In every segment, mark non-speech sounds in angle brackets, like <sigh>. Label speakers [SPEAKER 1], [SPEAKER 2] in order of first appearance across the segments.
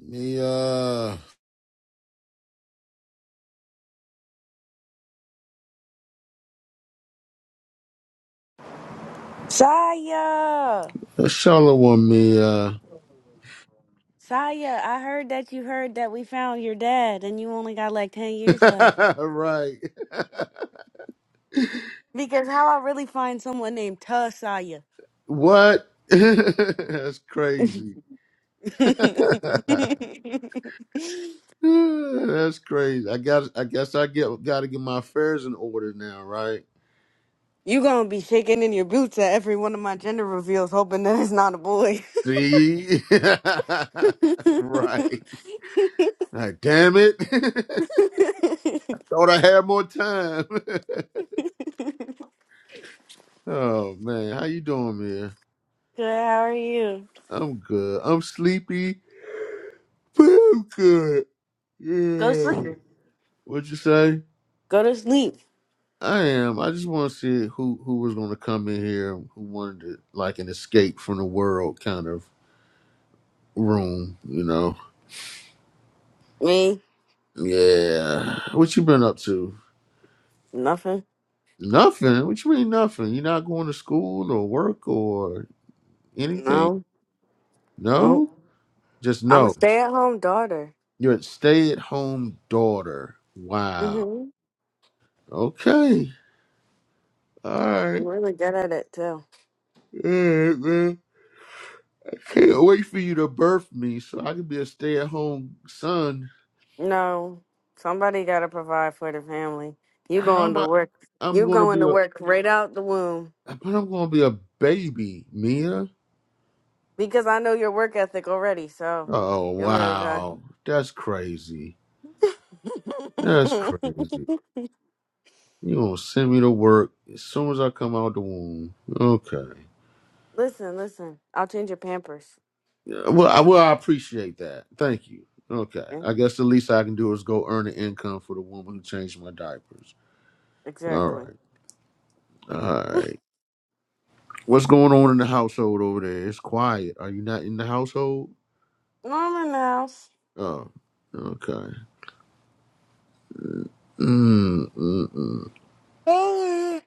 [SPEAKER 1] Mia.
[SPEAKER 2] Saya,
[SPEAKER 1] Shalom, Mia.
[SPEAKER 2] Saya, I heard that you heard that we found your dad and you only got like 10 years left.
[SPEAKER 1] <laughs> right.
[SPEAKER 2] Because how I really find someone named Ta Saya.
[SPEAKER 1] What? <laughs> That's crazy.
[SPEAKER 2] <laughs> you
[SPEAKER 1] <laughs> That's crazy. I got. I guess I get. Got to get my affairs in order now, right?
[SPEAKER 2] going to be shaking in your boots at every one of my gender reveals, hoping that it's not a boy.
[SPEAKER 1] See. <laughs>
[SPEAKER 2] <laughs> Good,
[SPEAKER 1] right. Like, damn it. <laughs> Thought I had more time. <laughs> oh man, how you doing, Mia?
[SPEAKER 2] how are you?
[SPEAKER 1] I'm good. I'm sleepy, but I'm good.
[SPEAKER 2] Go
[SPEAKER 1] Yeah.
[SPEAKER 2] sleep.
[SPEAKER 1] What'd you say?
[SPEAKER 2] Go to sleep.
[SPEAKER 1] I am. I just want to see who who was going to come in here, who wanted to, like an escape from the world kind of room, you know?
[SPEAKER 2] Me?
[SPEAKER 1] Yeah. What you been up to?
[SPEAKER 2] Nothing.
[SPEAKER 1] Nothing. What you mean nothing? You not going to school or work or anything?
[SPEAKER 2] No, no.
[SPEAKER 1] No. Just
[SPEAKER 2] I'm a
[SPEAKER 1] no.
[SPEAKER 2] stay at home daughter.
[SPEAKER 1] You're a stay-at-home daughter. Wow.
[SPEAKER 2] hmm
[SPEAKER 1] Okay. All
[SPEAKER 2] I'm
[SPEAKER 1] right.
[SPEAKER 2] really good at it too.
[SPEAKER 1] All right, man. Can't wait for you to birth me so I can be a stay-at-home son.
[SPEAKER 2] No, somebody got to provide for the family. You
[SPEAKER 1] How
[SPEAKER 2] going
[SPEAKER 1] am
[SPEAKER 2] to
[SPEAKER 1] I?
[SPEAKER 2] work.
[SPEAKER 1] I'm
[SPEAKER 2] You
[SPEAKER 1] gonna
[SPEAKER 2] going
[SPEAKER 1] be
[SPEAKER 2] to
[SPEAKER 1] a,
[SPEAKER 2] work right out the womb
[SPEAKER 1] but I'm gonna be a baby, Mia.
[SPEAKER 2] because I know your work ethic already. So
[SPEAKER 1] Oh
[SPEAKER 2] you'll be okay.
[SPEAKER 1] wow, that's crazy. That's crazy.
[SPEAKER 2] <laughs>
[SPEAKER 1] You gonna send me to work as soon as I come out the womb? Okay.
[SPEAKER 2] listen, listen. I'll change your Pampers.
[SPEAKER 1] Yeah, Well, I, well, I appreciate that. Thank you. Okay.
[SPEAKER 2] Yeah,
[SPEAKER 1] I guess the least I can do is go earn an income for the woman who changed my diapers. All
[SPEAKER 2] Exactly.
[SPEAKER 1] right. All
[SPEAKER 2] <laughs>
[SPEAKER 1] right. What's going on in the household over there? It's quiet. Are you not in the household?
[SPEAKER 2] Mama Mouse.
[SPEAKER 1] Oh. Okay. Mm, mm, mm.
[SPEAKER 2] Oh,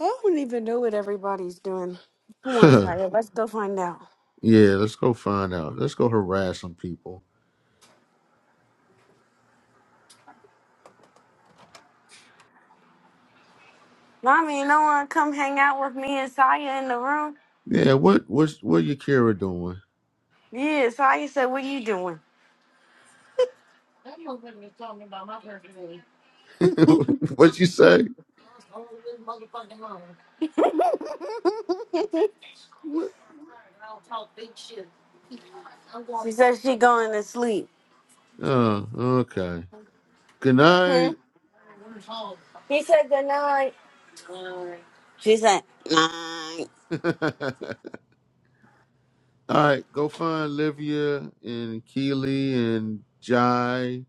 [SPEAKER 2] I don't even know what everybody's doing. Come on,
[SPEAKER 1] <laughs>
[SPEAKER 2] Saya. Let's go find out.
[SPEAKER 1] yeah, let's go find out. Let's go harass some people.
[SPEAKER 2] Mommy, no one come hang out with me and Saya in the room.
[SPEAKER 1] Yeah, what what's what Yakira doing?
[SPEAKER 2] Yeah, Saya said, "What you doing?"
[SPEAKER 1] <laughs> what would you say? What?
[SPEAKER 2] <laughs> She said she going to sleep.
[SPEAKER 1] Oh, okay. Good
[SPEAKER 2] Hmm?
[SPEAKER 1] night.
[SPEAKER 2] He said good night. She said night.
[SPEAKER 1] <laughs> All right, go find Livia and Keely and Jai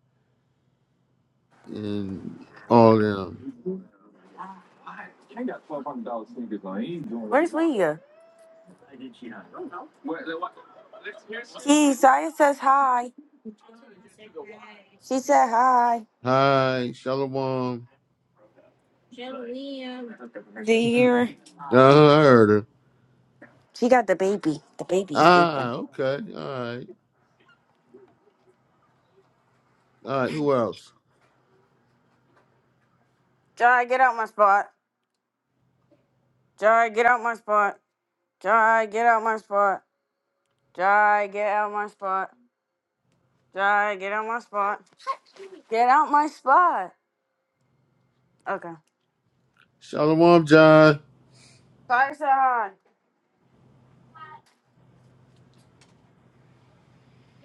[SPEAKER 1] and all them.
[SPEAKER 2] Where's Leah? Key, Saya says hi. She said hi.
[SPEAKER 1] Hi, Shalom.
[SPEAKER 2] Do you hear her?
[SPEAKER 1] <laughs> Uh, I heard her.
[SPEAKER 2] She got the baby. The baby's
[SPEAKER 1] Ah,
[SPEAKER 2] sleeping.
[SPEAKER 1] okay. All right. All right. Who else?
[SPEAKER 2] Jai, get out my spot. Jai, get out my spot. Jai, get out my spot. Jai, get out my spot. Jai, get out my spot. Get out my spot. Okay.
[SPEAKER 1] Shalom, Jai.
[SPEAKER 2] Saya said hi.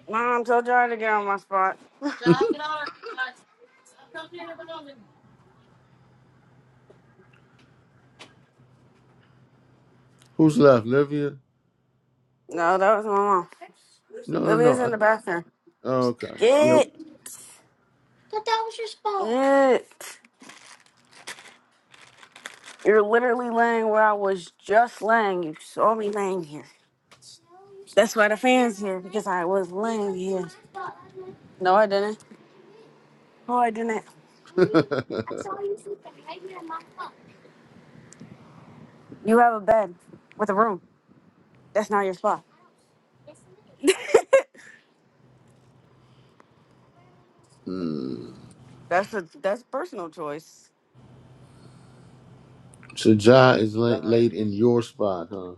[SPEAKER 2] Mom, I'm so tired to get on my spot.
[SPEAKER 1] <laughs> Who's left? Livia?
[SPEAKER 2] No, that was my mom.
[SPEAKER 1] No, no,
[SPEAKER 2] Libby
[SPEAKER 1] no. I,
[SPEAKER 2] in the bathroom.
[SPEAKER 1] oh, okay.
[SPEAKER 2] Get it. You're literally laying where I was just laying. You saw me laying here. That's why the fan's here, because I was laying here. No, I didn't. No, I didn't.
[SPEAKER 1] Yep. <laughs>
[SPEAKER 2] You have a bed with a room. That's not your spot. <laughs>
[SPEAKER 1] Hmm.
[SPEAKER 2] that's a that's personal choice.
[SPEAKER 1] So Jai is laid, laid in your spot, huh?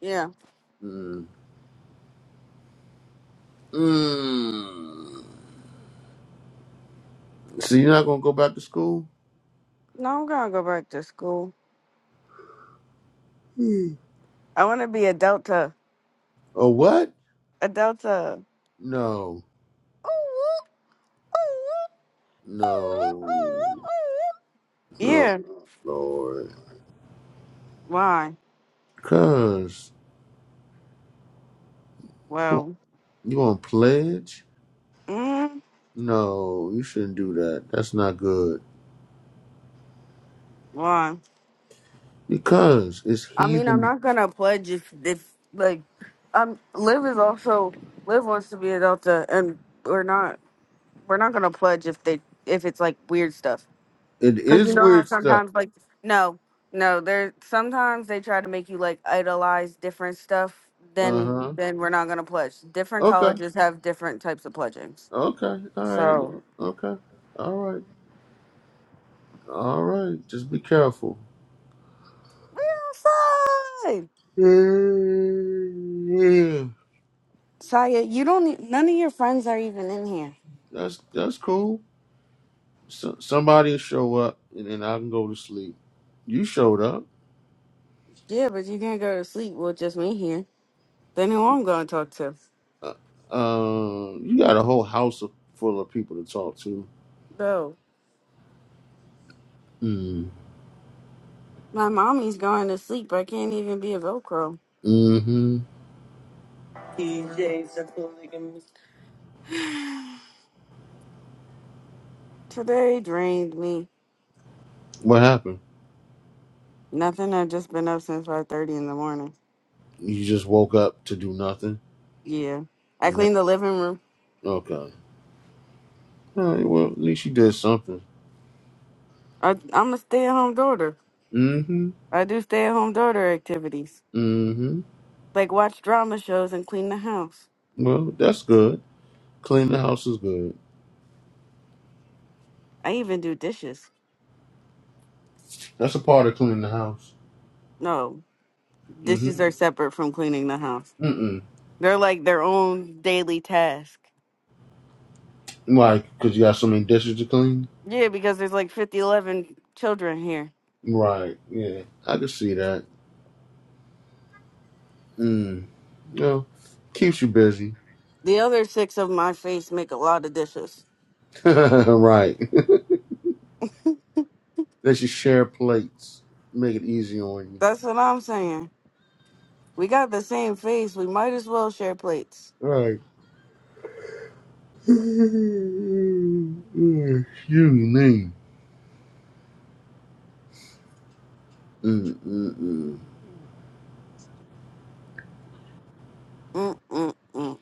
[SPEAKER 2] Yeah.
[SPEAKER 1] Mm. Mm. So you're not gonna go back to school?
[SPEAKER 2] No, I'm gonna go back to school.
[SPEAKER 1] Hmm.
[SPEAKER 2] I wanna be a Delta.
[SPEAKER 1] Or what?
[SPEAKER 2] A Delta.
[SPEAKER 1] No, no, no,
[SPEAKER 2] Yeah.
[SPEAKER 1] Lord.
[SPEAKER 2] Why?
[SPEAKER 1] Cause you
[SPEAKER 2] Well,
[SPEAKER 1] want to pledge?
[SPEAKER 2] mm,
[SPEAKER 1] No, you shouldn't do that. That's not good.
[SPEAKER 2] why?
[SPEAKER 1] Because it's
[SPEAKER 2] I mean, I'm
[SPEAKER 1] heathen.
[SPEAKER 2] not gonna pledge if if like, um, Liv is also Liv wants to be a Delta, and we're not we're not gonna pledge if they if it's like weird stuff.
[SPEAKER 1] It
[SPEAKER 2] Cause you
[SPEAKER 1] is
[SPEAKER 2] know how
[SPEAKER 1] weird stuff.
[SPEAKER 2] sometimes like no no there sometimes they try to make you like idolize different stuff.
[SPEAKER 1] Uh
[SPEAKER 2] Then
[SPEAKER 1] huh.
[SPEAKER 2] then we're not gonna pledge. Different
[SPEAKER 1] Okay.
[SPEAKER 2] colleges have different types of pledgings.
[SPEAKER 1] Okay. All right.
[SPEAKER 2] So
[SPEAKER 1] Lord. Okay. All right. All right. Just be careful.
[SPEAKER 2] we're outside.
[SPEAKER 1] Yeah.
[SPEAKER 2] Saya, you don't. Need, none of your friends are even in here.
[SPEAKER 1] That's that's cool. So, somebody will show up and then I can go to sleep. You showed up.
[SPEAKER 2] Yeah, but you can't go to sleep with just me here. Then who I'm going to talk to?
[SPEAKER 1] Uh, um, you got a whole house of, full of people to talk to.
[SPEAKER 2] Bro,
[SPEAKER 1] Mm.
[SPEAKER 2] my mommy's going to sleep. I can't even be a Velcro.
[SPEAKER 1] Mm-hmm.
[SPEAKER 2] Today drained me.
[SPEAKER 1] What happened?
[SPEAKER 2] Nothing. I've just been up since five thirty in the morning.
[SPEAKER 1] You just woke up to do nothing,
[SPEAKER 2] Yeah, I
[SPEAKER 1] and then
[SPEAKER 2] cleaned the living room.
[SPEAKER 1] okay. All right. Well, at least you did something.
[SPEAKER 2] I, I'm a stay-at-home daughter.
[SPEAKER 1] Mm-hmm.
[SPEAKER 2] I do stay-at-home daughter activities,
[SPEAKER 1] Mm-hmm.
[SPEAKER 2] like watch drama shows and clean the house.
[SPEAKER 1] Well, that's good. Clean the house is good.
[SPEAKER 2] I even do dishes.
[SPEAKER 1] That's a part of cleaning the house.
[SPEAKER 2] No,
[SPEAKER 1] mm
[SPEAKER 2] dishes
[SPEAKER 1] hmm
[SPEAKER 2] are separate from cleaning the house.
[SPEAKER 1] Mm-mm.
[SPEAKER 2] They're like their own daily task.
[SPEAKER 1] Like, because you got so many dishes to clean.
[SPEAKER 2] Yeah, because there's like 50, eleven children here.
[SPEAKER 1] Right, yeah. I can see that. Mm. You know, keeps you busy.
[SPEAKER 2] The other six of my face make a lot of dishes.
[SPEAKER 1] <laughs> right. Let you share plates. Make it easy on you.
[SPEAKER 2] That's what I'm saying. We got the same face. We might as well share plates.
[SPEAKER 1] Right. <laughs> Mm, Excuse me. Mm-mm-mm.
[SPEAKER 2] Mm-mm-mm.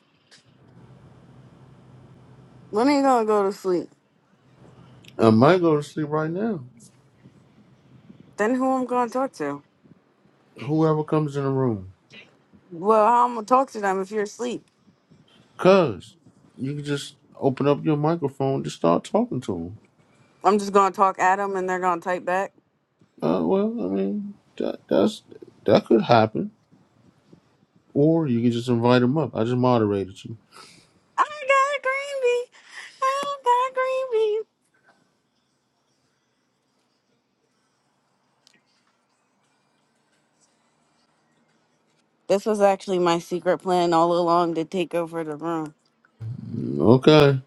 [SPEAKER 2] When are you gonna go to sleep?
[SPEAKER 1] I might go to sleep right now.
[SPEAKER 2] Then who I'm gonna talk to?
[SPEAKER 1] Whoever comes in the room.
[SPEAKER 2] Well, how I'm gonna talk to them if you're asleep.
[SPEAKER 1] Because you can just open up your microphone, just start talking to them.
[SPEAKER 2] I'm just gonna talk at them and they're gonna type back.
[SPEAKER 1] Uh, well, I mean, that, that's that could happen, or you can just invite him up. I just moderated you.
[SPEAKER 2] I got a green bee. I got a green bee. This was actually my secret plan all along to take over the room.
[SPEAKER 1] Mm, Okay,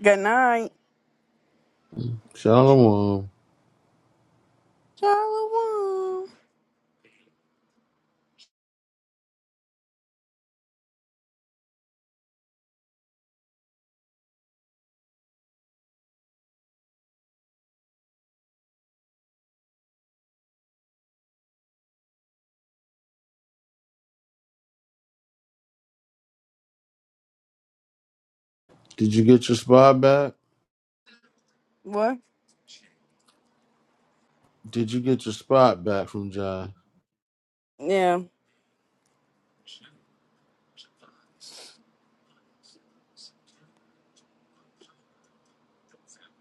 [SPEAKER 2] Good night.
[SPEAKER 1] Shalom.
[SPEAKER 2] Shalom.
[SPEAKER 1] Did you get your spot back?
[SPEAKER 2] What?
[SPEAKER 1] Did you get your spot back from John?
[SPEAKER 2] Yeah.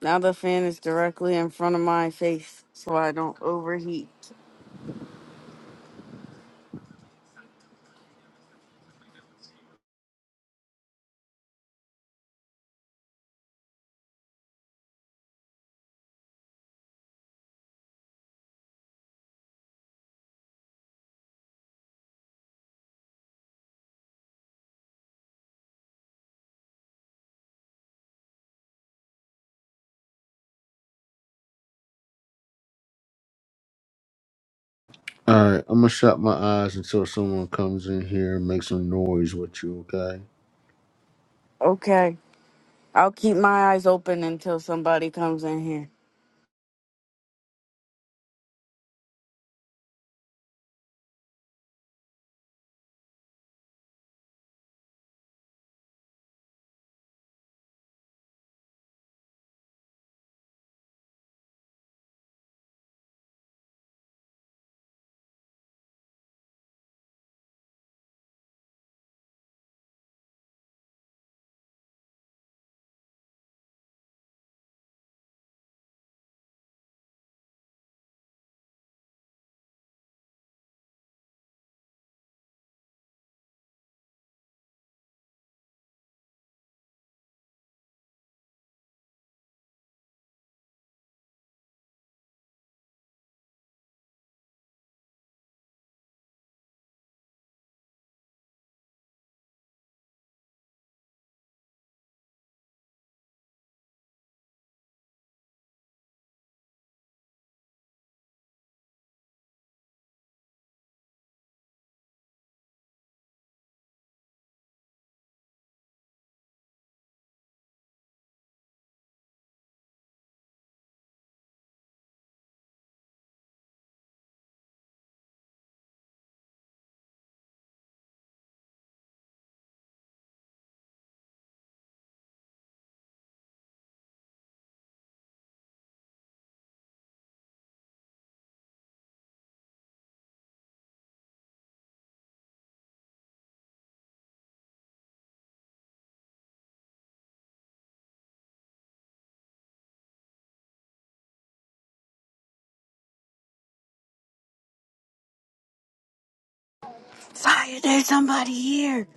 [SPEAKER 2] Now the fan is directly in front of my face so I don't overheat.
[SPEAKER 1] All right, I'm gonna shut my eyes until someone comes in here and makes some noise with you. Okay?
[SPEAKER 2] Okay. I'll keep my eyes open until somebody comes in here. Sorry, there's somebody here.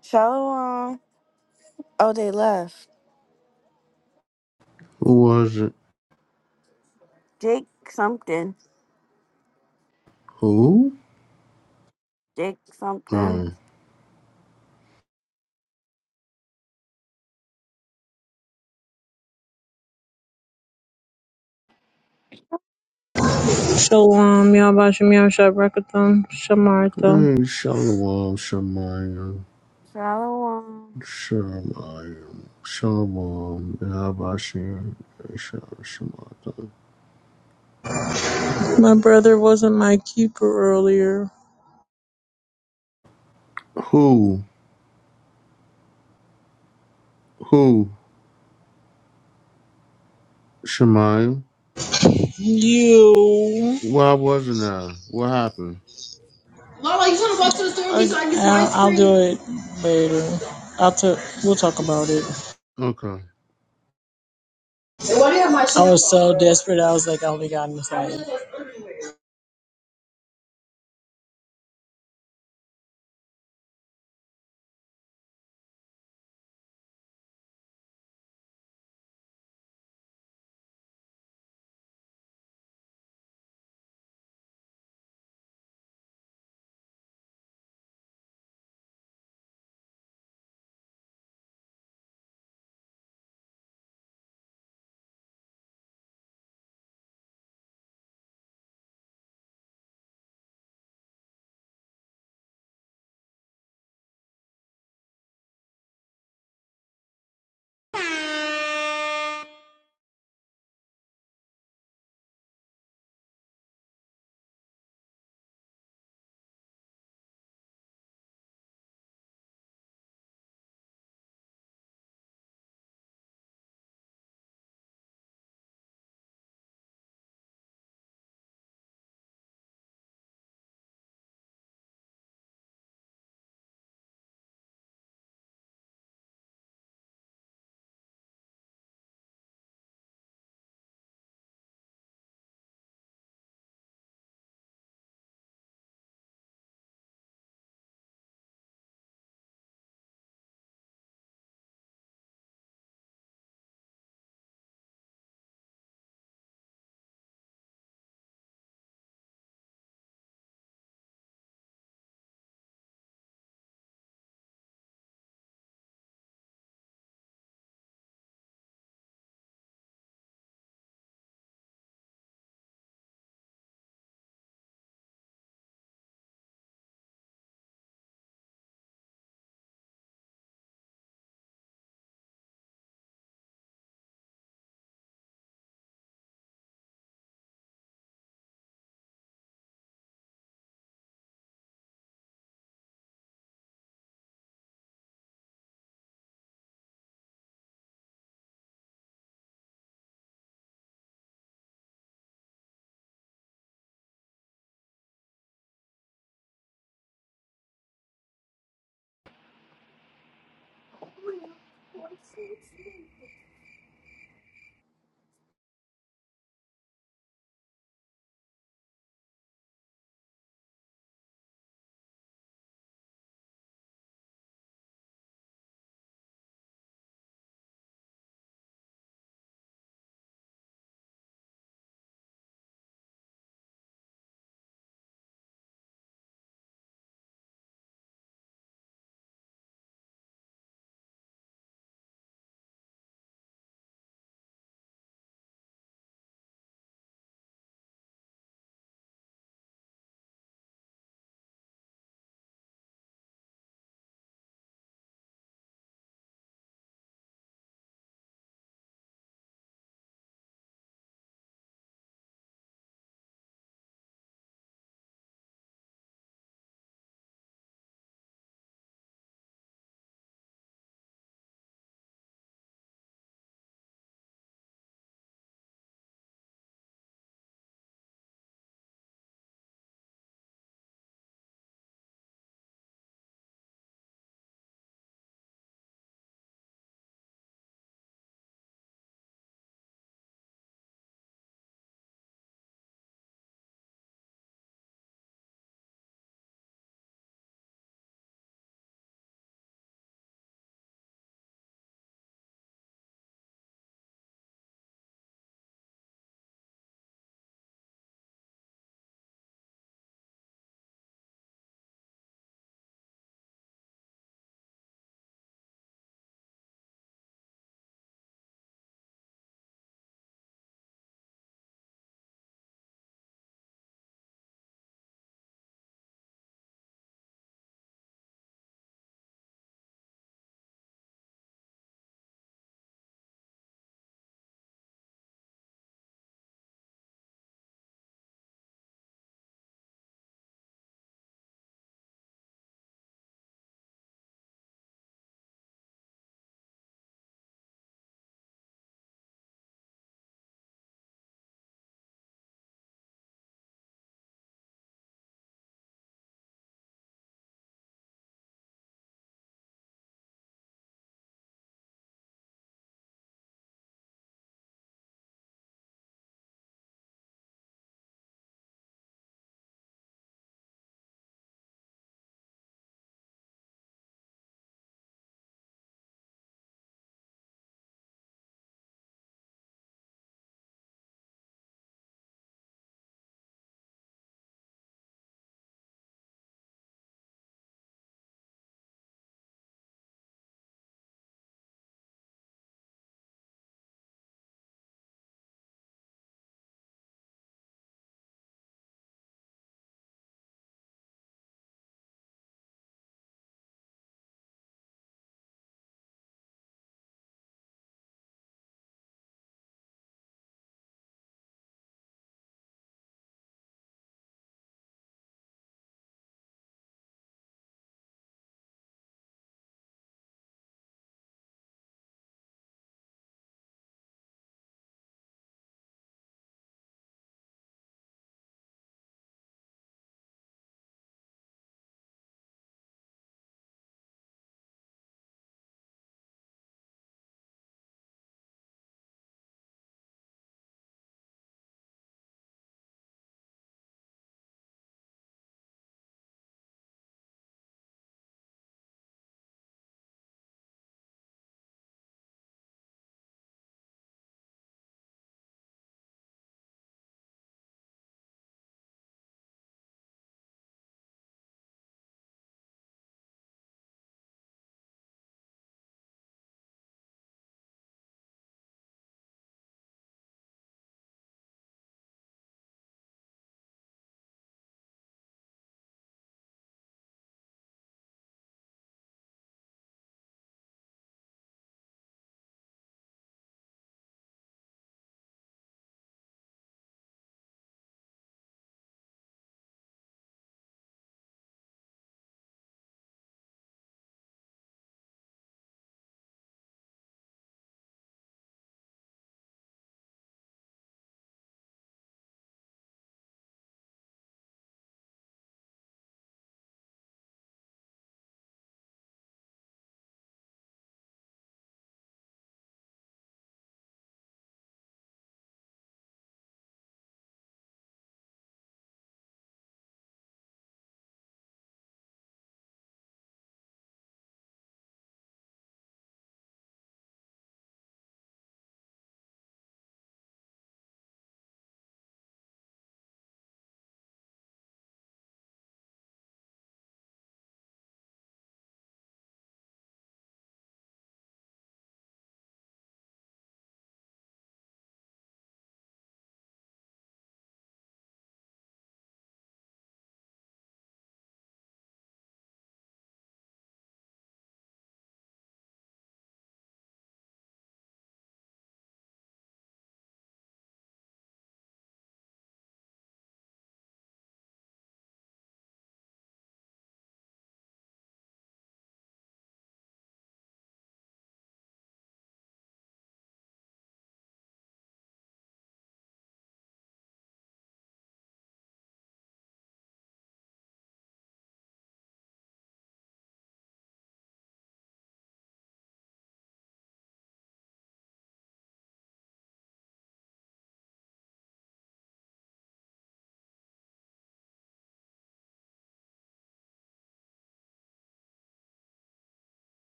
[SPEAKER 2] Shalom. Oh, they left.
[SPEAKER 1] Who was it?
[SPEAKER 2] Jake something.
[SPEAKER 1] Who?
[SPEAKER 2] Jake something.
[SPEAKER 1] Oh,
[SPEAKER 3] Shalom, Yabashim, Yahshua, Rekatham, Shamartham.
[SPEAKER 1] hey, Shalom, Shemayim,
[SPEAKER 2] Shalom.
[SPEAKER 1] Shemayim, Shalom, Abashir, Shalom, Shemayim.
[SPEAKER 3] My brother wasn't my keeper earlier.
[SPEAKER 1] Who? Who? Shemaya?
[SPEAKER 3] You.
[SPEAKER 1] Why wasn't I? What happened?
[SPEAKER 3] Lala, you want to walk to the store with me so I get some I'll, I'll do it later. I'll t- we'll talk about it.
[SPEAKER 1] Okay.
[SPEAKER 3] Hey, why do you have my I was so desperate, I was like, I only got in the ice.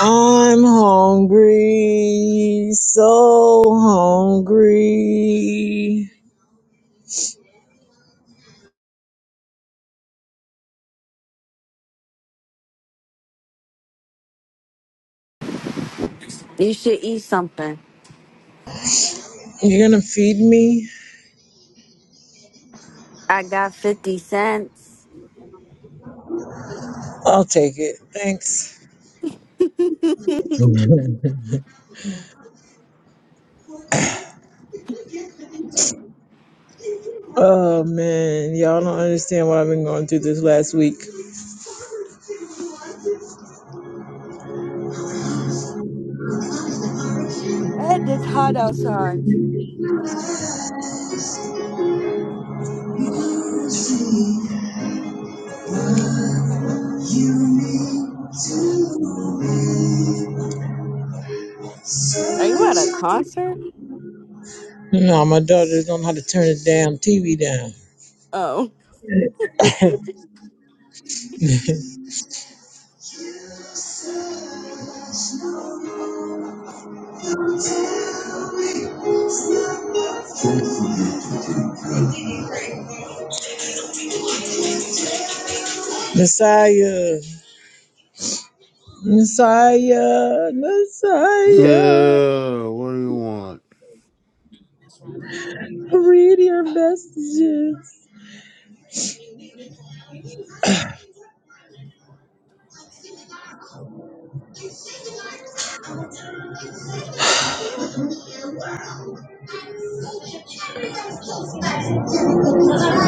[SPEAKER 3] I'm hungry, so hungry.
[SPEAKER 2] You should eat something.
[SPEAKER 3] You're gonna feed me?
[SPEAKER 2] I got 50 cents.
[SPEAKER 3] I'll take it. Thanks. Oh man, y'all don't understand what I've been going through this last week.
[SPEAKER 2] And it's hot outside. Are you at a concert?
[SPEAKER 3] No, my daughter's don't know how to turn the damn TV down.
[SPEAKER 2] Oh.
[SPEAKER 3] <laughs> Messiah, Messiah, Messiah,
[SPEAKER 1] Yeah, what do you want?
[SPEAKER 3] read your messages.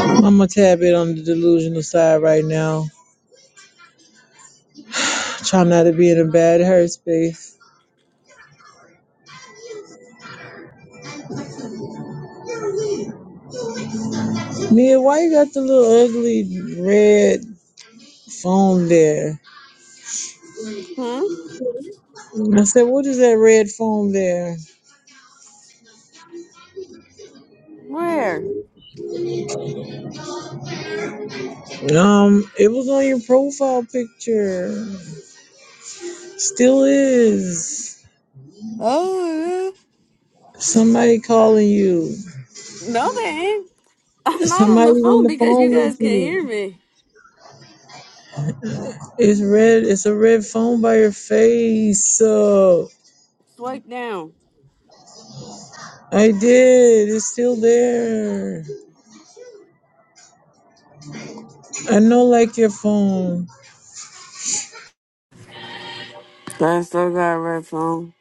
[SPEAKER 3] I'm a tad bit on the delusional side right now. Try not to be in a bad hurt space. Nia, why you got the little ugly red foam there?
[SPEAKER 2] Hmm.
[SPEAKER 3] I said, what is that red foam there?
[SPEAKER 2] Where?
[SPEAKER 3] Um, it was on your profile picture. Still is.
[SPEAKER 2] Oh,
[SPEAKER 3] Somebody calling you.
[SPEAKER 2] No, they ain't. I'm not on the
[SPEAKER 3] Somebody's on
[SPEAKER 2] phone
[SPEAKER 3] the
[SPEAKER 2] because
[SPEAKER 3] phone
[SPEAKER 2] you guys
[SPEAKER 3] with
[SPEAKER 2] can not hear
[SPEAKER 3] you.
[SPEAKER 2] me.
[SPEAKER 3] It's red. It's a red phone by your face. So
[SPEAKER 2] Swipe down.
[SPEAKER 3] I did. It's still there. I know, like your phone.
[SPEAKER 2] I still got a red phone.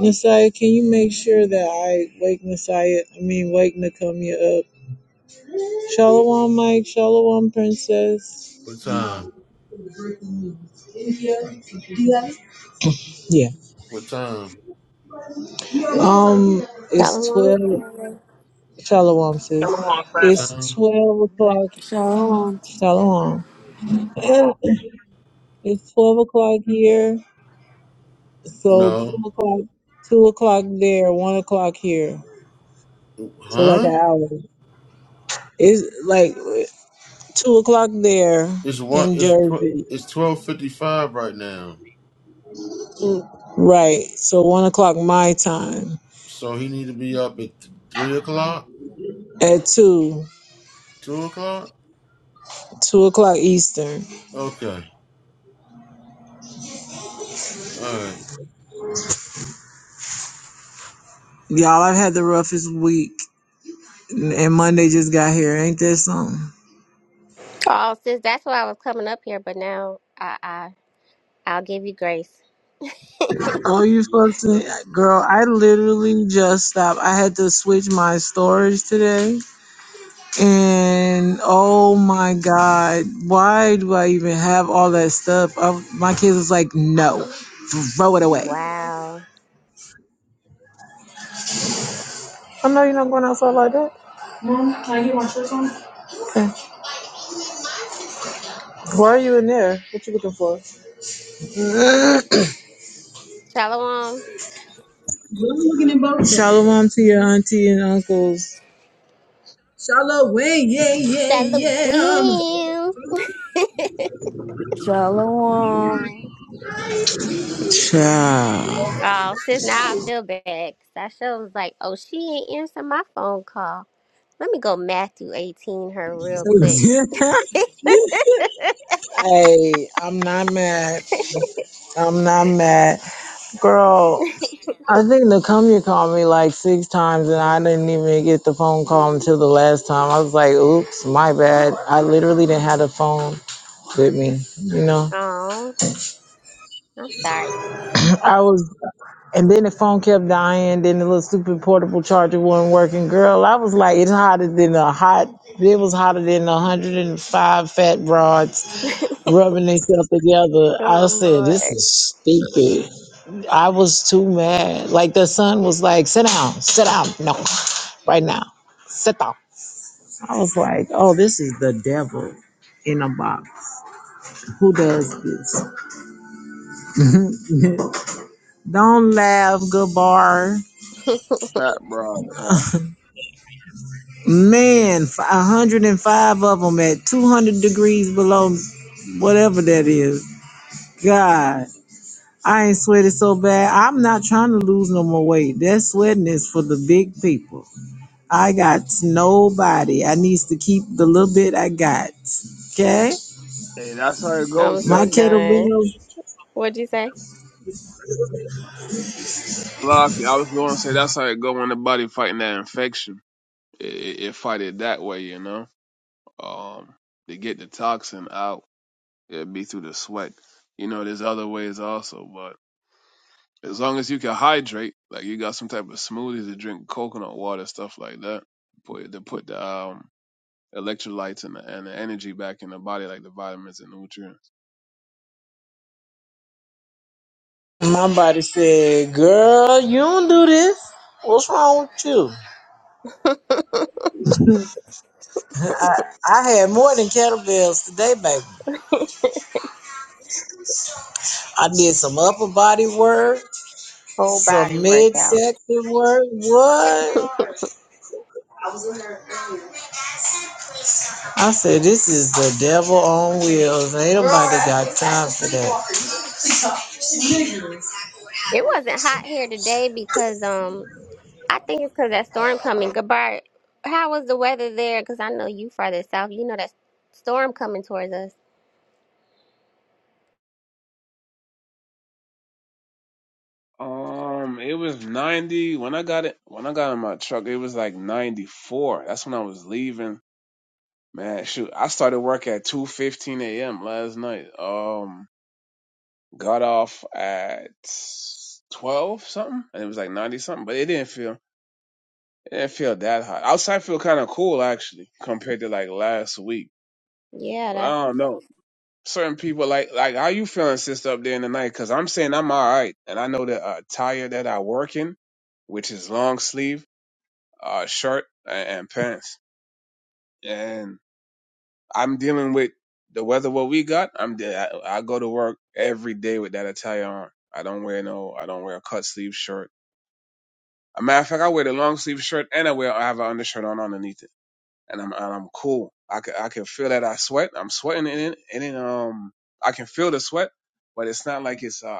[SPEAKER 3] Messiah, can you make sure that I wake Messiah? I mean, wake Nakamia up. Shalom, Mike. Shalom,
[SPEAKER 1] What
[SPEAKER 3] Princess.
[SPEAKER 1] time?
[SPEAKER 3] Yeah.
[SPEAKER 1] What time?
[SPEAKER 3] Um,
[SPEAKER 4] Not
[SPEAKER 3] it's
[SPEAKER 4] long
[SPEAKER 3] 12.
[SPEAKER 4] ago.
[SPEAKER 3] Shalom, sis.
[SPEAKER 5] Shalom,
[SPEAKER 1] What
[SPEAKER 5] friend.
[SPEAKER 3] It's
[SPEAKER 1] time?
[SPEAKER 3] 12 o'clock.
[SPEAKER 2] Shalom.
[SPEAKER 3] Shalom. And It's 12 o'clock here. So 2
[SPEAKER 1] No.
[SPEAKER 3] o'clock, 2 o'clock there, 1 o'clock here. So like
[SPEAKER 1] Huh?
[SPEAKER 3] an hour. It's like 2 o'clock there
[SPEAKER 1] It's one
[SPEAKER 3] in
[SPEAKER 1] it's tw-
[SPEAKER 3] Jersey.
[SPEAKER 1] it's twelve fifty five right now.
[SPEAKER 3] Right. So 1 o'clock my time.
[SPEAKER 1] So he need to be up at th- three o'clock?
[SPEAKER 3] At 2,
[SPEAKER 1] Two o'clock?
[SPEAKER 3] 2 o'clock Eastern.
[SPEAKER 1] Okay. All right.
[SPEAKER 3] Y'all, I've had the roughest week. And Monday just got here. Ain't that something?
[SPEAKER 4] Oh, sis, that's why I was coming up here, but now I, I I'll give you grace.
[SPEAKER 3] Oh, you supposed to, girl? I literally just stopped. I had to switch my storage today, and oh my god, why do I even have all that stuff? I, my kids was like, "No, throw it away."
[SPEAKER 4] Wow.
[SPEAKER 3] I know you're not going outside like that. Mom, can I get my shirts on? Okay. Why are you in there? What you looking for? <coughs>
[SPEAKER 4] Shalom.
[SPEAKER 3] looking at both. Shalom to your auntie and uncles. Shalom, yeah, yeah,
[SPEAKER 4] Shalom.
[SPEAKER 3] yeah.
[SPEAKER 2] Shalom.
[SPEAKER 3] Ciao.
[SPEAKER 4] Oh, sis, now I feel bad. 'cause I sure was like, oh, she ain't answer my phone call. Let me go Matthew 18 her real quick.
[SPEAKER 3] Hey, I'm not mad. I'm not mad. Girl,
[SPEAKER 4] <laughs>
[SPEAKER 3] I think Nakumia called me like six times and I didn't even get the phone call until the last time. I was like, oops, my bad. I literally didn't have the phone with me, you know?
[SPEAKER 4] Oh, I'm sorry.
[SPEAKER 3] I was, and then the phone kept dying. Then the little stupid portable charger wasn't working. Girl, I was like, it's hotter than a hot, it was hotter than 105 fat broads.
[SPEAKER 4] <laughs> oh,
[SPEAKER 3] rubbing themselves together. I said, this
[SPEAKER 4] Lord.
[SPEAKER 3] is stupid. I was too mad. Like the son was like, sit down, sit down, no, right now, sit down. I was like, oh, this is the devil in a box. Who does this? <laughs> Don't laugh, Gabar.
[SPEAKER 4] <laughs>
[SPEAKER 6] Fat broad, huh?
[SPEAKER 3] Man, f- 105 of them at 200 degrees below whatever that is. God. I ain't sweated so bad. I'm not trying to lose no more weight. That sweating is for the big people. I got nobody. I needs to keep the little bit I got. Okay?
[SPEAKER 6] Hey, that's how it goes,
[SPEAKER 4] I'm so
[SPEAKER 3] My
[SPEAKER 6] sister.
[SPEAKER 4] done.
[SPEAKER 3] kettlebells.
[SPEAKER 4] What'd you say?
[SPEAKER 6] Lock it. I was going to say that's how it go when the body fighting that infection. It, it, it fight it that way, you know. Um, to get the toxin out, it'd be through the sweat. You know, there's other ways also, but as long as you can hydrate, like you got some type of smoothies to drink, coconut water, stuff like that, put to put the um electrolytes and the, and the energy back in the body, like the vitamins and nutrients.
[SPEAKER 3] My body said, girl, you don't do this. What's wrong with you?
[SPEAKER 4] <laughs>
[SPEAKER 3] I, I had more than kettlebells today, baby. I did some upper body work,
[SPEAKER 4] Whole body
[SPEAKER 3] some
[SPEAKER 4] workout.
[SPEAKER 3] midsection work. What? I said, this is the devil on wheels. Ain't nobody got time for that.
[SPEAKER 4] It wasn't hot here today because um I think it's because that storm coming. Gabar, how was the weather there? Because I know you farther south. You know that storm coming towards us.
[SPEAKER 6] Um, it was ninety when I got it. When I got in my truck, it was like ninety four. That's when I was leaving. Man, shoot, I started work at two fifteen a.m. last night. Um, got off at twelve something, and it was like ninety something. But it didn't feel it didn't feel that hot. Outside feel kind of cool actually compared to like last week. But
[SPEAKER 4] Yeah.
[SPEAKER 6] I don't know. Certain people like like how you feeling, sister, up there in the night? Because I'm saying I'm all right, and I know the uh, tire that I work in, which is long sleeve. uh, shirt and, pants. And I'm dealing with the weather what we got. I'm de- I, I go to work every day with that attire on. I don't wear no. I don't wear a cut sleeve shirt. A matter of fact, I wear the long sleeve shirt and I wear I have an undershirt on underneath it, and I'm and I'm cool. I can I can feel that I sweat. I'm sweating in it, and then um I can feel the sweat, but it's not like it's uh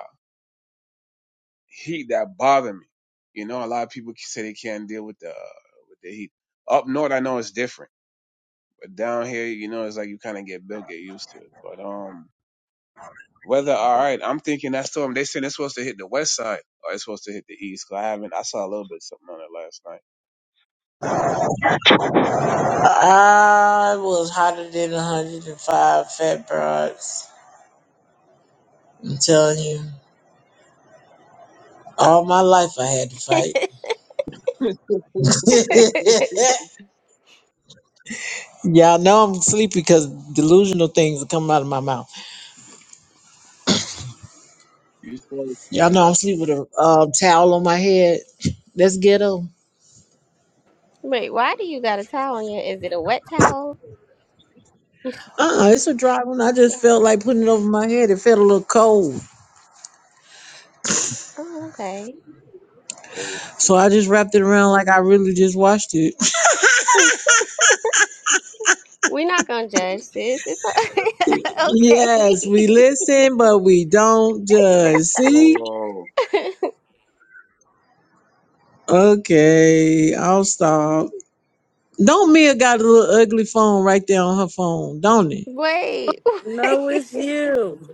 [SPEAKER 6] heat that bother me. You know, a lot of people say they can't deal with the with the heat. Up north, I know it's different But down here, you know, it's like you kind of get built, get used to it. But um, weather all right. I'm thinking that storm. They said it's supposed to hit the west side, or it's supposed to hit the east. 'cause I haven't. I saw a little bit something on it last night.
[SPEAKER 3] I was hotter than 105 fat broads. I'm telling you. All my life I had to
[SPEAKER 4] That.
[SPEAKER 3] fight. <laughs> Y'all know I'm sleepy because delusional things are coming out of my mouth.
[SPEAKER 6] You saw it?
[SPEAKER 3] Y'all know I'm sleeping with a um, towel on my head. That's ghetto.
[SPEAKER 4] <laughs> Wait, why do you got a towel on your? Is it a wet towel?
[SPEAKER 3] Uh-uh, it's a dry one. I just
[SPEAKER 4] Oh,
[SPEAKER 3] felt like putting it over my head. It felt a little cold.
[SPEAKER 4] oh okay.
[SPEAKER 6] Oh,
[SPEAKER 3] So I just wrapped it around like I really just watched it.
[SPEAKER 4] <laughs> We're not gonna judge, sis. It's
[SPEAKER 3] <laughs>
[SPEAKER 4] o- <laughs>
[SPEAKER 3] yes, we
[SPEAKER 4] okay.
[SPEAKER 3] listen, but we don't judge. See?
[SPEAKER 6] oh,
[SPEAKER 4] <laughs>
[SPEAKER 3] Okay, I'll stop. Don't Mia got a little ugly phone right there on her phone, don't it?
[SPEAKER 4] Wait, <laughs>
[SPEAKER 2] No,
[SPEAKER 4] wait.
[SPEAKER 2] it's you.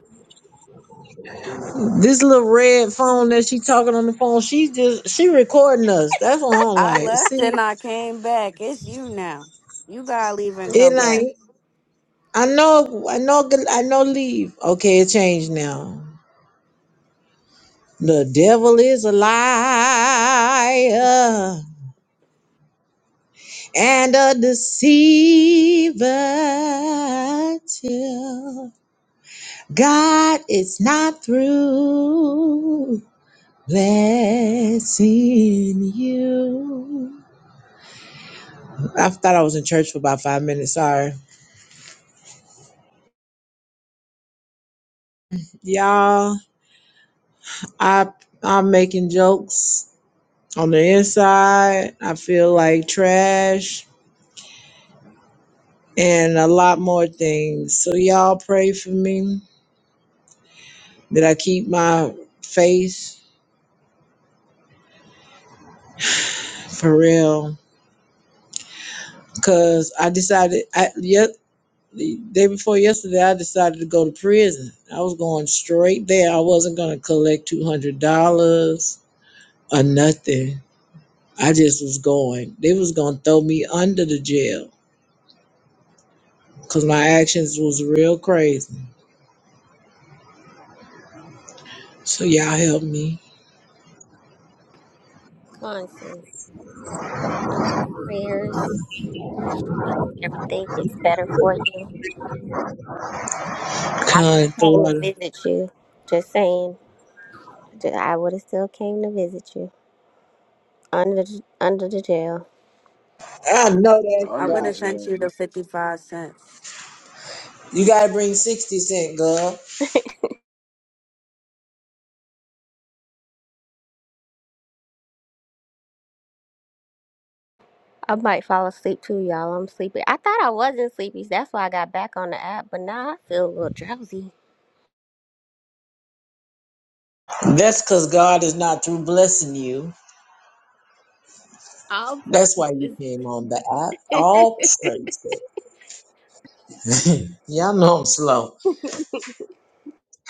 [SPEAKER 3] This little red phone that she talking on the phone, she just she recording us. That's what I'm
[SPEAKER 2] I
[SPEAKER 3] like.
[SPEAKER 2] left
[SPEAKER 3] See,
[SPEAKER 2] and I came back. It's you now. You gotta leave and
[SPEAKER 3] it
[SPEAKER 2] come back.
[SPEAKER 3] ain't. I know, I know, I know. Leave. Okay, it changed now. The devil is a liar. and a deceiver till God is not through blessing you. I thought I was in church for about five minutes. Sorry, y'all. I I'm making jokes on the inside. I feel like trash and a lot more things. So y'all pray for me that I keep my faith for real Cause I decided I yet the day before yesterday I decided to go to prison. I was going straight there. I wasn't gonna collect two hundred dollars or nothing. I just was going. They was gonna throw me under the jail because my actions was real crazy. So y'all help me.
[SPEAKER 4] Come on, sis. You are in my prayers. Everything gets better for you. And I would have
[SPEAKER 3] Kind the
[SPEAKER 4] came and
[SPEAKER 3] water.
[SPEAKER 4] visit you. Just saying, Ju- I would have still came to visit you under the, under the jail.
[SPEAKER 3] I know that's
[SPEAKER 2] I
[SPEAKER 6] under
[SPEAKER 2] would
[SPEAKER 6] the
[SPEAKER 2] have
[SPEAKER 3] right.
[SPEAKER 6] jail.
[SPEAKER 2] sent you the 55 cents.
[SPEAKER 3] You gotta bring sixty cent, girl.
[SPEAKER 4] I might fall asleep too, y'all. I'm sleepy. I thought I wasn't sleepy. so That's why I got back on the app. But now I feel a little drowsy.
[SPEAKER 3] That's cause God is not through blessing you.
[SPEAKER 4] All
[SPEAKER 3] That's why you
[SPEAKER 4] praises.
[SPEAKER 3] came on the app.
[SPEAKER 4] <laughs>
[SPEAKER 3] All praise. <laughs> Y'all know I'm slow.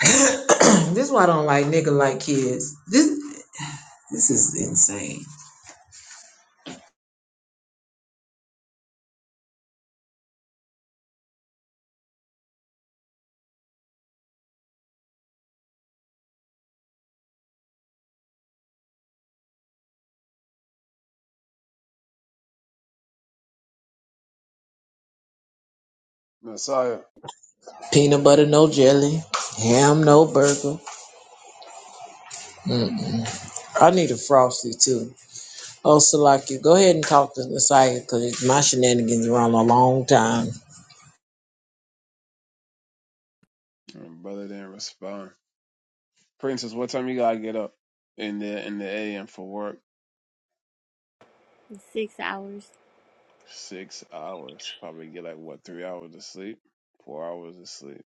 [SPEAKER 3] <clears throat> this is why I don't like nigga like kids. This this is insane.
[SPEAKER 6] Messiah.
[SPEAKER 3] Peanut butter, no jelly. Ham, no burger. Mm-mm. I need a frosty too. Oh, Salaki, go ahead and talk to Nasaya because my shenanigans around a long time.
[SPEAKER 6] My brother didn't respond. Princess, what time you gotta get up in the in the a.m. for work?
[SPEAKER 4] six hours.
[SPEAKER 6] Six hours. Probably get like what three hours of sleep, four hours of sleep.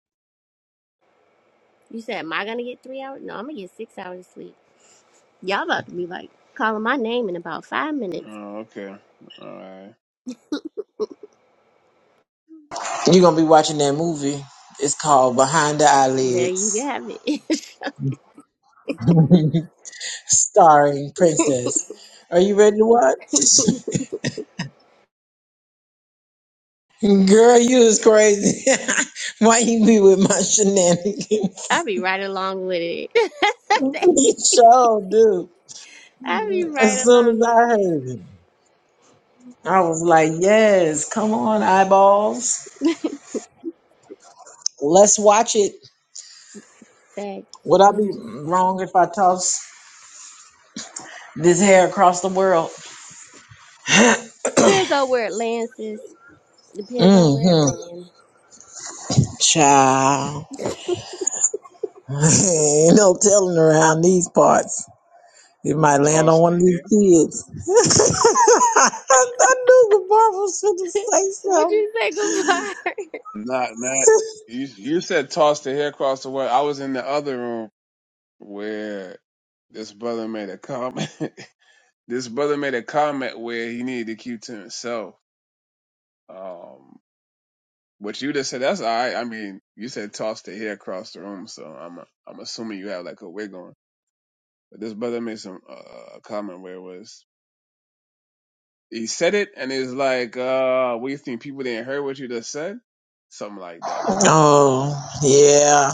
[SPEAKER 4] You said, am I gonna get three hours? No, I'm gonna get six hours of sleep. Y'all about to be like calling my name in about five minutes.
[SPEAKER 6] Oh, okay. All right.
[SPEAKER 3] You're gonna be watching that movie. It's called Behind the
[SPEAKER 4] There you
[SPEAKER 3] Eyelids,
[SPEAKER 4] have it. <laughs>
[SPEAKER 3] <laughs> starring Princess. Are you ready to watch? <laughs> Girl, you is crazy. <laughs> Why you be with my shenanigans? <laughs>
[SPEAKER 4] I'll be right along with it.
[SPEAKER 3] You sure do.
[SPEAKER 4] <laughs> I'll be
[SPEAKER 3] As
[SPEAKER 4] right
[SPEAKER 3] soon
[SPEAKER 4] along
[SPEAKER 3] as I
[SPEAKER 4] with it.
[SPEAKER 3] heard it, I was like, yes, come on, eyeballs. Let's watch it.
[SPEAKER 4] Facts.
[SPEAKER 3] Would I
[SPEAKER 4] I'm
[SPEAKER 3] be
[SPEAKER 4] just,
[SPEAKER 3] wrong if I toss this hair across the world? <sighs> <clears throat> hmm
[SPEAKER 4] depends on where it lands, sis. Depends on where it lands.
[SPEAKER 3] Child. <laughs> Ain't no telling around these parts. It might land on
[SPEAKER 6] Toss the
[SPEAKER 3] one of
[SPEAKER 6] hair.
[SPEAKER 3] these kids. <laughs> I knew the bar was going to say
[SPEAKER 4] What'd
[SPEAKER 3] something.
[SPEAKER 4] you say, goodbye?
[SPEAKER 6] Not, not. You, you said toss the hair across the way. I was in the other room where this brother made a comment. <laughs> this brother made a comment where he needed to keep to himself. Um, but you just said that's all right. I mean, you said toss the hair across the room, so I'm I'm assuming you have like a wig on. But this brother made some uh, a comment where it was he said it and it's like, uh, what do you think people didn't hear what you just said? Something like that.
[SPEAKER 3] Oh, yeah.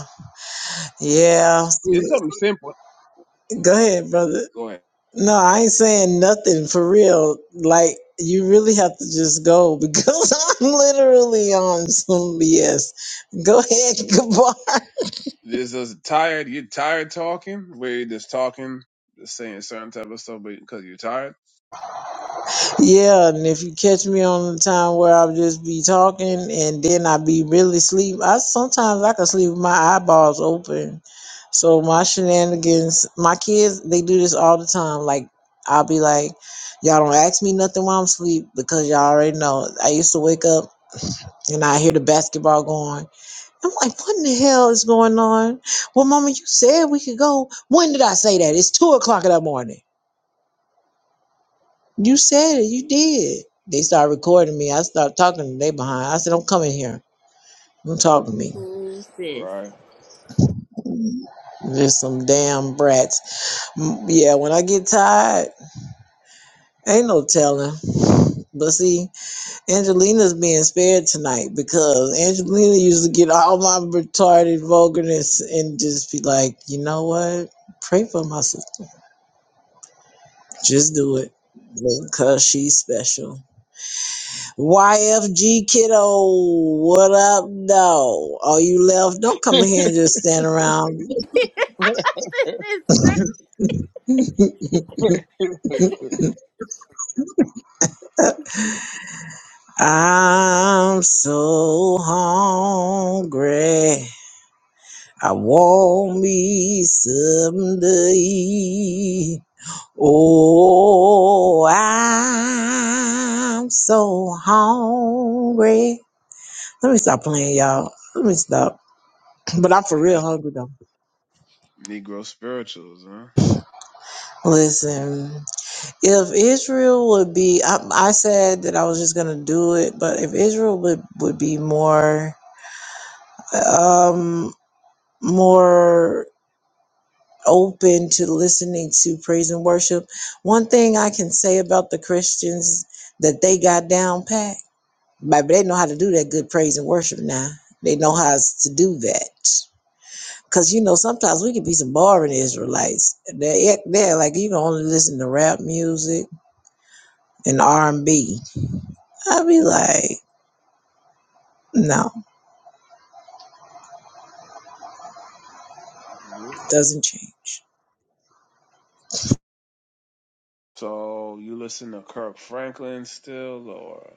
[SPEAKER 3] Yeah. See,
[SPEAKER 6] It's something simple.
[SPEAKER 3] go ahead, brother.
[SPEAKER 6] Go ahead.
[SPEAKER 3] No, I ain't saying nothing for real. Like, you really have to just go because <laughs> I'm literally on some BS. Go ahead, <laughs> goodbye.
[SPEAKER 6] There's those tired, you're tired talking, where you're just talking, just saying certain type of stuff because you're tired.
[SPEAKER 3] Yeah, and if you catch me on the time where I'll just be talking and then I be really sleep, I sometimes I can sleep with my eyeballs open. So my shenanigans, my kids, they do this all the time. Like I'll be like, y'all don't ask me nothing while I'm asleep because y'all already know. I used to wake up and I hear the basketball going. I'm like, what in the hell is going on? Well, mama, you said we could go. When did I say that? It's two o'clock in the morning. You said it. You did. They started recording me. I started talking to they behind. I said, "Don't come in here. Don't talk to me.
[SPEAKER 4] <laughs> Ooh, sis.
[SPEAKER 6] Right.
[SPEAKER 3] Just some damn brats." Mm, Yeah, when I get tired, ain't no telling. But see, Angelina's being spared tonight because Angelina used to get all my retarded vulgarness and just be like, "You know what? Pray for my sister. Just do it because she's special." YFG kiddo, what up though? Are you left? Don't come in here and just stand around.
[SPEAKER 4] This is true.
[SPEAKER 3] I'm so hungry. I want me something to eat. Oh, I'm so hungry. Let me stop playing, y'all. Let me stop. But I'm for
[SPEAKER 6] Hey,
[SPEAKER 3] real
[SPEAKER 6] That's
[SPEAKER 3] hungry though.
[SPEAKER 6] Negro spirituals, huh?
[SPEAKER 3] Listen. If Israel would be, I, I said that I was just gonna do it, but if Israel would would be more, um, more open to listening to praise and worship, one thing I can say about the Christians that they got down pat, but they know how to do that good praise and worship now. They know how to do that. Cause you know sometimes we can be some boring Israelites. They they're like you can only listen to rap music and R and B. I be like. No,
[SPEAKER 6] Yeah.
[SPEAKER 3] doesn't change.
[SPEAKER 6] So you listen to Kirk Franklin still, or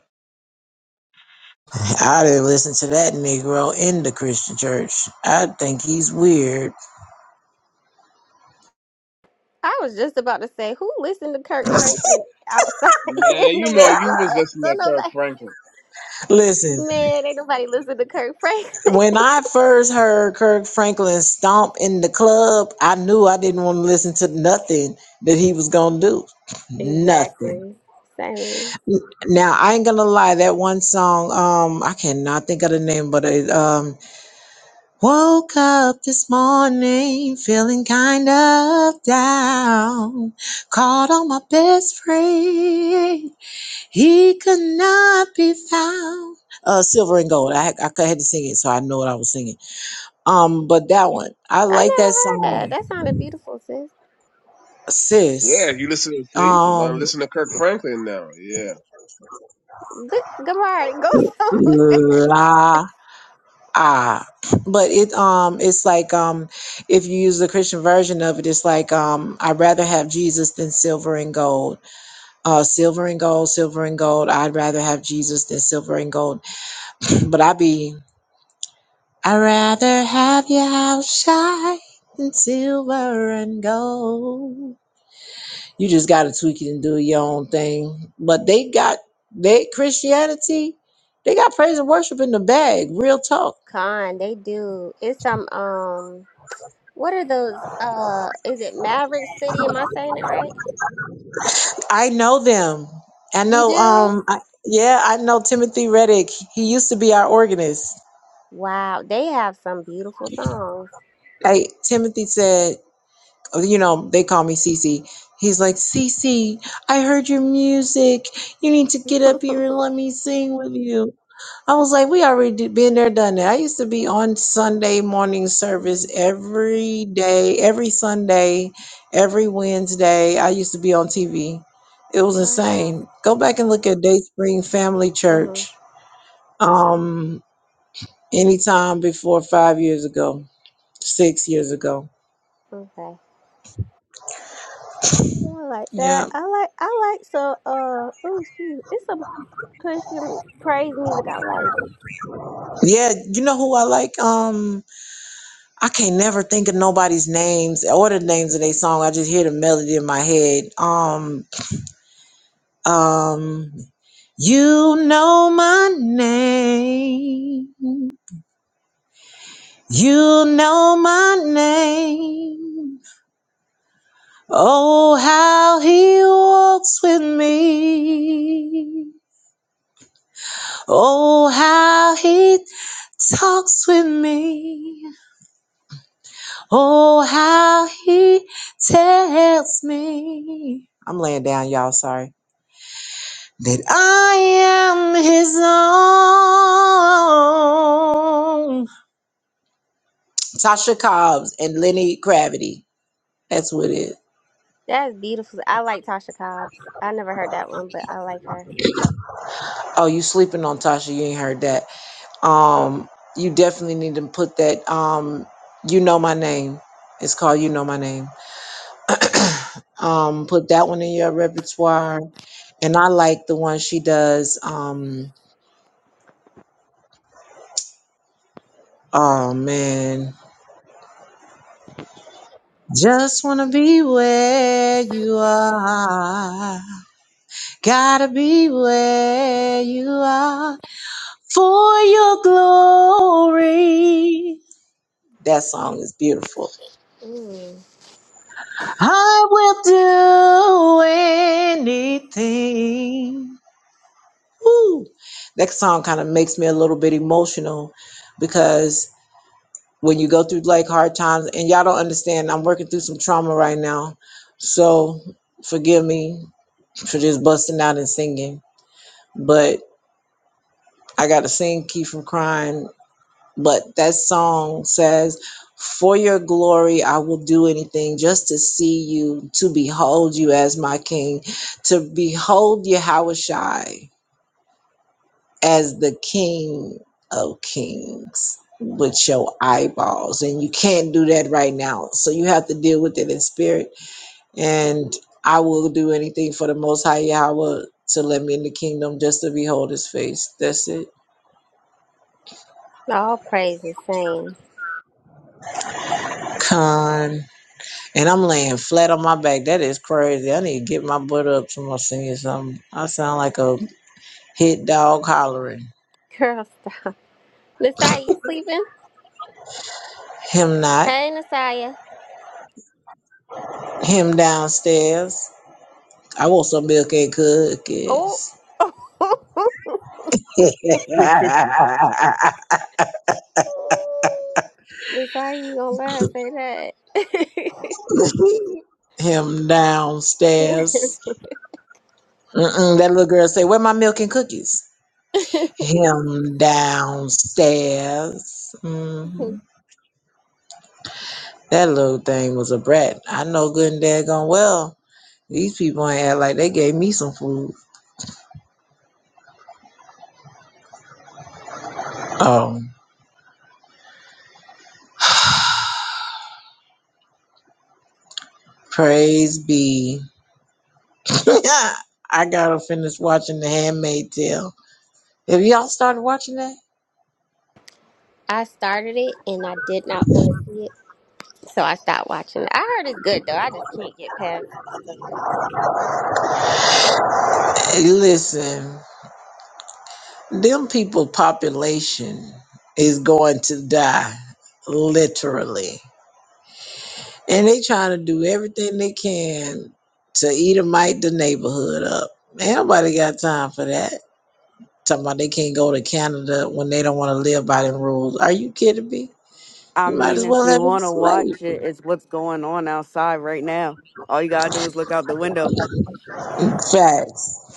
[SPEAKER 3] I didn't listen to that Negro in the Christian church. I think he's weird.
[SPEAKER 4] I was just about to say, who listened to
[SPEAKER 3] <laughs>
[SPEAKER 4] Kirk Franklin outside <laughs>
[SPEAKER 6] man,
[SPEAKER 4] in the
[SPEAKER 6] you know you
[SPEAKER 4] world?
[SPEAKER 6] was listening
[SPEAKER 4] So
[SPEAKER 6] to Kirk
[SPEAKER 4] nobody,
[SPEAKER 6] Franklin.
[SPEAKER 3] listen,
[SPEAKER 4] man, ain't nobody listen to Kirk Franklin. <laughs>
[SPEAKER 3] when I first heard Kirk Franklin stomp in the club, I knew I didn't want to listen to nothing that he was going to do. Nothing.
[SPEAKER 4] Exactly. Same.
[SPEAKER 3] Now, I ain't going to lie, that one song, um, I cannot think of the name, but it, um, Woke up this morning feeling kind of down. Called on my best friend. He could not be found. Uh, silver and gold. I I had to sing it, so I know what I was singing. Um, but that one, I like that
[SPEAKER 4] I never heard that.
[SPEAKER 3] song,
[SPEAKER 4] That sounded beautiful, sis.
[SPEAKER 6] Yeah,
[SPEAKER 3] sis.
[SPEAKER 6] you listen to see, you want to
[SPEAKER 3] Um,
[SPEAKER 6] listen to Kirk Franklin now. Yeah,
[SPEAKER 4] Look, Gamari, go <laughs> somewhere.
[SPEAKER 3] la ah. But it um, it's like um, if you use the Christian version of it, it's like um, I'd rather have Jesus than silver and gold Uh, silver and gold, silver and gold. I'd rather have Jesus than silver and gold. <clears throat> But I'd be, I'd rather have your house shine than silver and gold. You just got to tweak it and do your own thing. But they got, they, Christianity, they got praise and worship in the bag. Real talk.
[SPEAKER 4] Con, they do. It's some um. What are those? Uh, is it Maverick City? Am I saying it right?
[SPEAKER 3] I know them. I
[SPEAKER 4] You
[SPEAKER 3] know.
[SPEAKER 4] do?
[SPEAKER 3] Um. I, yeah, I know Timothy Reddick. He used to be our organist.
[SPEAKER 4] Wow, they have some beautiful songs.
[SPEAKER 3] Hey, Timothy said you know, they call me Cece. He's like, Cece, I heard your music. You need to get up here
[SPEAKER 4] <laughs>
[SPEAKER 3] and let me sing with you. I was like, we already did- been there, done that. I used to be on Sunday morning service
[SPEAKER 4] hmm
[SPEAKER 3] every day, every Sunday, every Wednesday. I used to be on TV. It was
[SPEAKER 4] Wow.
[SPEAKER 3] insane. Go back and look at Dayspring Family
[SPEAKER 4] hmm
[SPEAKER 3] Church. Um, anytime before five years ago, six years ago.
[SPEAKER 4] Okay. Yeah, I like that.
[SPEAKER 3] Yeah.
[SPEAKER 4] I like. I like so. Uh. Oh, excuse. me. It's some Christian praise music. I like.
[SPEAKER 3] Yeah, you know who I like? Um, I can't never think of nobody's names or the names of their song. I just hear the melody in my head. Um, um, you know my name. You know my name. Oh, how he walks with me. Oh, how he talks with me. Oh, how he tells me. I'm laying down, y'all. Sorry. That I am his own. Tasha Cobbs and Lenny Gravity. That's what it. is.
[SPEAKER 4] That's beautiful. I like Tasha Cobbs. I never heard that one, but I like her.
[SPEAKER 3] Oh, you sleeping on Tasha. You ain't heard that. Um, you definitely need to put that um You Know My Name. It's called You Know My Name. <clears throat> Um, put that one in your repertoire. And I like the one she does. Um Oh man. Just wanna be where you are. Gotta be where you are for your glory. That song is beautiful.
[SPEAKER 4] Mm.
[SPEAKER 3] I will do anything. Woo. That song kind of makes me a little bit emotional because when you go through like hard times and y'all don't understand, I'm working through some trauma right now. So forgive me for just busting out and singing. But I got to sing Keep from Crying. But that song says, For your glory, I will do anything just to see you, to behold you as my king, to behold Yahushai as the king of kings with your eyeballs. And you can't do that right now. So you have to deal with it in spirit and I will do anything for the Most High Yahweh to let me in the kingdom just to behold His face. That's it.
[SPEAKER 4] All praise is same.
[SPEAKER 3] Con, and I'm laying flat on my back. That is crazy. I need to get my butt up to my singing something. I sound like a hit dog hollering.
[SPEAKER 4] <laughs> Girl, stop. Nasaya, you sleeping?
[SPEAKER 3] Him not.
[SPEAKER 4] Hey, Nasaya.
[SPEAKER 3] Him downstairs. I want some milk and
[SPEAKER 4] Oh.
[SPEAKER 3] cookies.
[SPEAKER 4] <laughs> Oh, Miss, how you gonna lie and say
[SPEAKER 3] <laughs> Him downstairs. Mm-mm, that little girl say, "Where my milk and cookies?"
[SPEAKER 4] that?
[SPEAKER 3] him downstairs. hmm That little thing was a brat. I know good and daggone well. These people ain't act like they gave me some food. Oh, <sighs> praise be. <laughs> I gotta finish watching The Handmaid Tale. Have y'all started watching that,
[SPEAKER 4] <laughs> I started it and I did not want to see it, so I stopped watching it. I heard it's good though. I just can't get past it. so.
[SPEAKER 3] Hey, listen, them people population is going to die, literally. And they trying to do everything they can to Edomite the neighborhood up. Ain't nobody got time for that. Talking about they can't go to Canada when they don't want to live by them rules. Are you kidding me?
[SPEAKER 2] I
[SPEAKER 3] You might
[SPEAKER 2] mean,
[SPEAKER 3] as
[SPEAKER 2] if
[SPEAKER 3] well
[SPEAKER 2] you
[SPEAKER 3] have it
[SPEAKER 2] want to
[SPEAKER 3] slave.
[SPEAKER 2] watch it, it's what's going on outside right now. All you gotta do is look out the window.
[SPEAKER 3] Facts.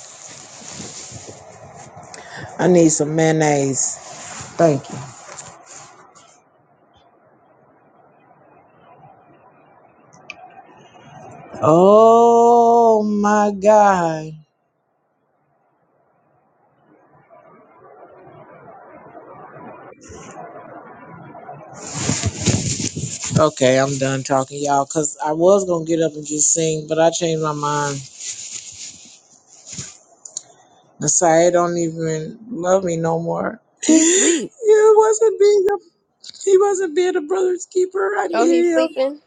[SPEAKER 3] I need some mayonnaise. Thank you. Oh my God. Okay, I'm done talking, y'all, because I was going to get up and just sing, but I changed my mind. Messiah don't even love me no more. <gasps>
[SPEAKER 2] He sleep.
[SPEAKER 3] <laughs> It wasn't me. He wasn't being a brother's keeper. I
[SPEAKER 4] Oh, he's
[SPEAKER 3] needed him
[SPEAKER 4] sleeping.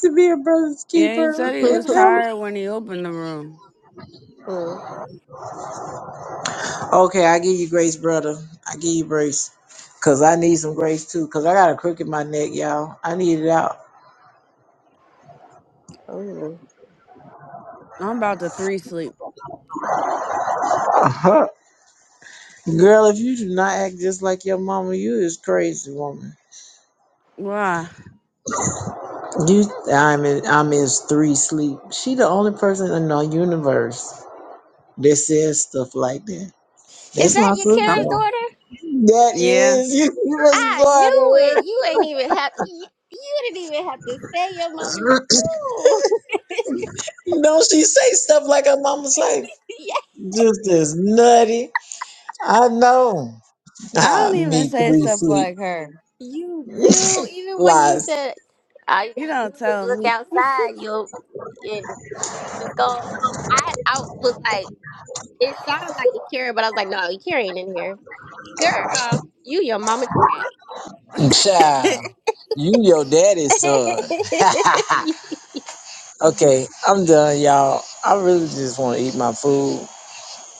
[SPEAKER 3] to be a brother's
[SPEAKER 2] Yeah, he
[SPEAKER 3] keeper
[SPEAKER 2] said
[SPEAKER 4] <laughs>
[SPEAKER 2] he was
[SPEAKER 3] and him.
[SPEAKER 2] tired when he opened the room.
[SPEAKER 4] mm.
[SPEAKER 3] Okay, I give you grace, brother. I give you grace. Cause I need some grace too. Cause I got a crook in my neck, y'all. I need it out.
[SPEAKER 4] Oh,
[SPEAKER 2] I'm about to three sleep.
[SPEAKER 3] Uh-huh. Girl, if you do not act just like your mama, you is crazy woman.
[SPEAKER 2] Why?
[SPEAKER 3] You I'm in I'm in three sleep. She the only person in the universe that says stuff like that.
[SPEAKER 4] is
[SPEAKER 3] That's
[SPEAKER 4] that
[SPEAKER 3] my
[SPEAKER 4] your
[SPEAKER 3] sister
[SPEAKER 4] Kara's
[SPEAKER 2] Some
[SPEAKER 3] though.
[SPEAKER 4] daughter?
[SPEAKER 3] That
[SPEAKER 2] yeah.
[SPEAKER 3] is <laughs> you
[SPEAKER 4] I knew it.
[SPEAKER 3] daughter.
[SPEAKER 4] You ain't even have. You, you didn't even have to say your mama. Ooh.
[SPEAKER 3] You know, she say stuff like her mama say,
[SPEAKER 4] <laughs>
[SPEAKER 3] just as nutty. I know.
[SPEAKER 2] I
[SPEAKER 3] Ah,
[SPEAKER 2] don't even
[SPEAKER 3] me
[SPEAKER 2] say
[SPEAKER 3] three
[SPEAKER 2] stuff
[SPEAKER 3] sleep.
[SPEAKER 2] like her.
[SPEAKER 4] You do,
[SPEAKER 3] <laughs>
[SPEAKER 4] even when you
[SPEAKER 3] Lies.
[SPEAKER 4] said all you
[SPEAKER 2] You
[SPEAKER 4] gotta do
[SPEAKER 2] don't
[SPEAKER 4] is
[SPEAKER 2] tell
[SPEAKER 4] look
[SPEAKER 2] me.
[SPEAKER 4] outside, you'll and everything that's going on. I I was like, it sounded like Akira, but I was like, no, Akira ain't in here. Girl, you your mama child.
[SPEAKER 2] <laughs>
[SPEAKER 3] Child, you your daddy's
[SPEAKER 4] <laughs>
[SPEAKER 3] son. <laughs> okay, I'm done, y'all. I really just want to eat my food.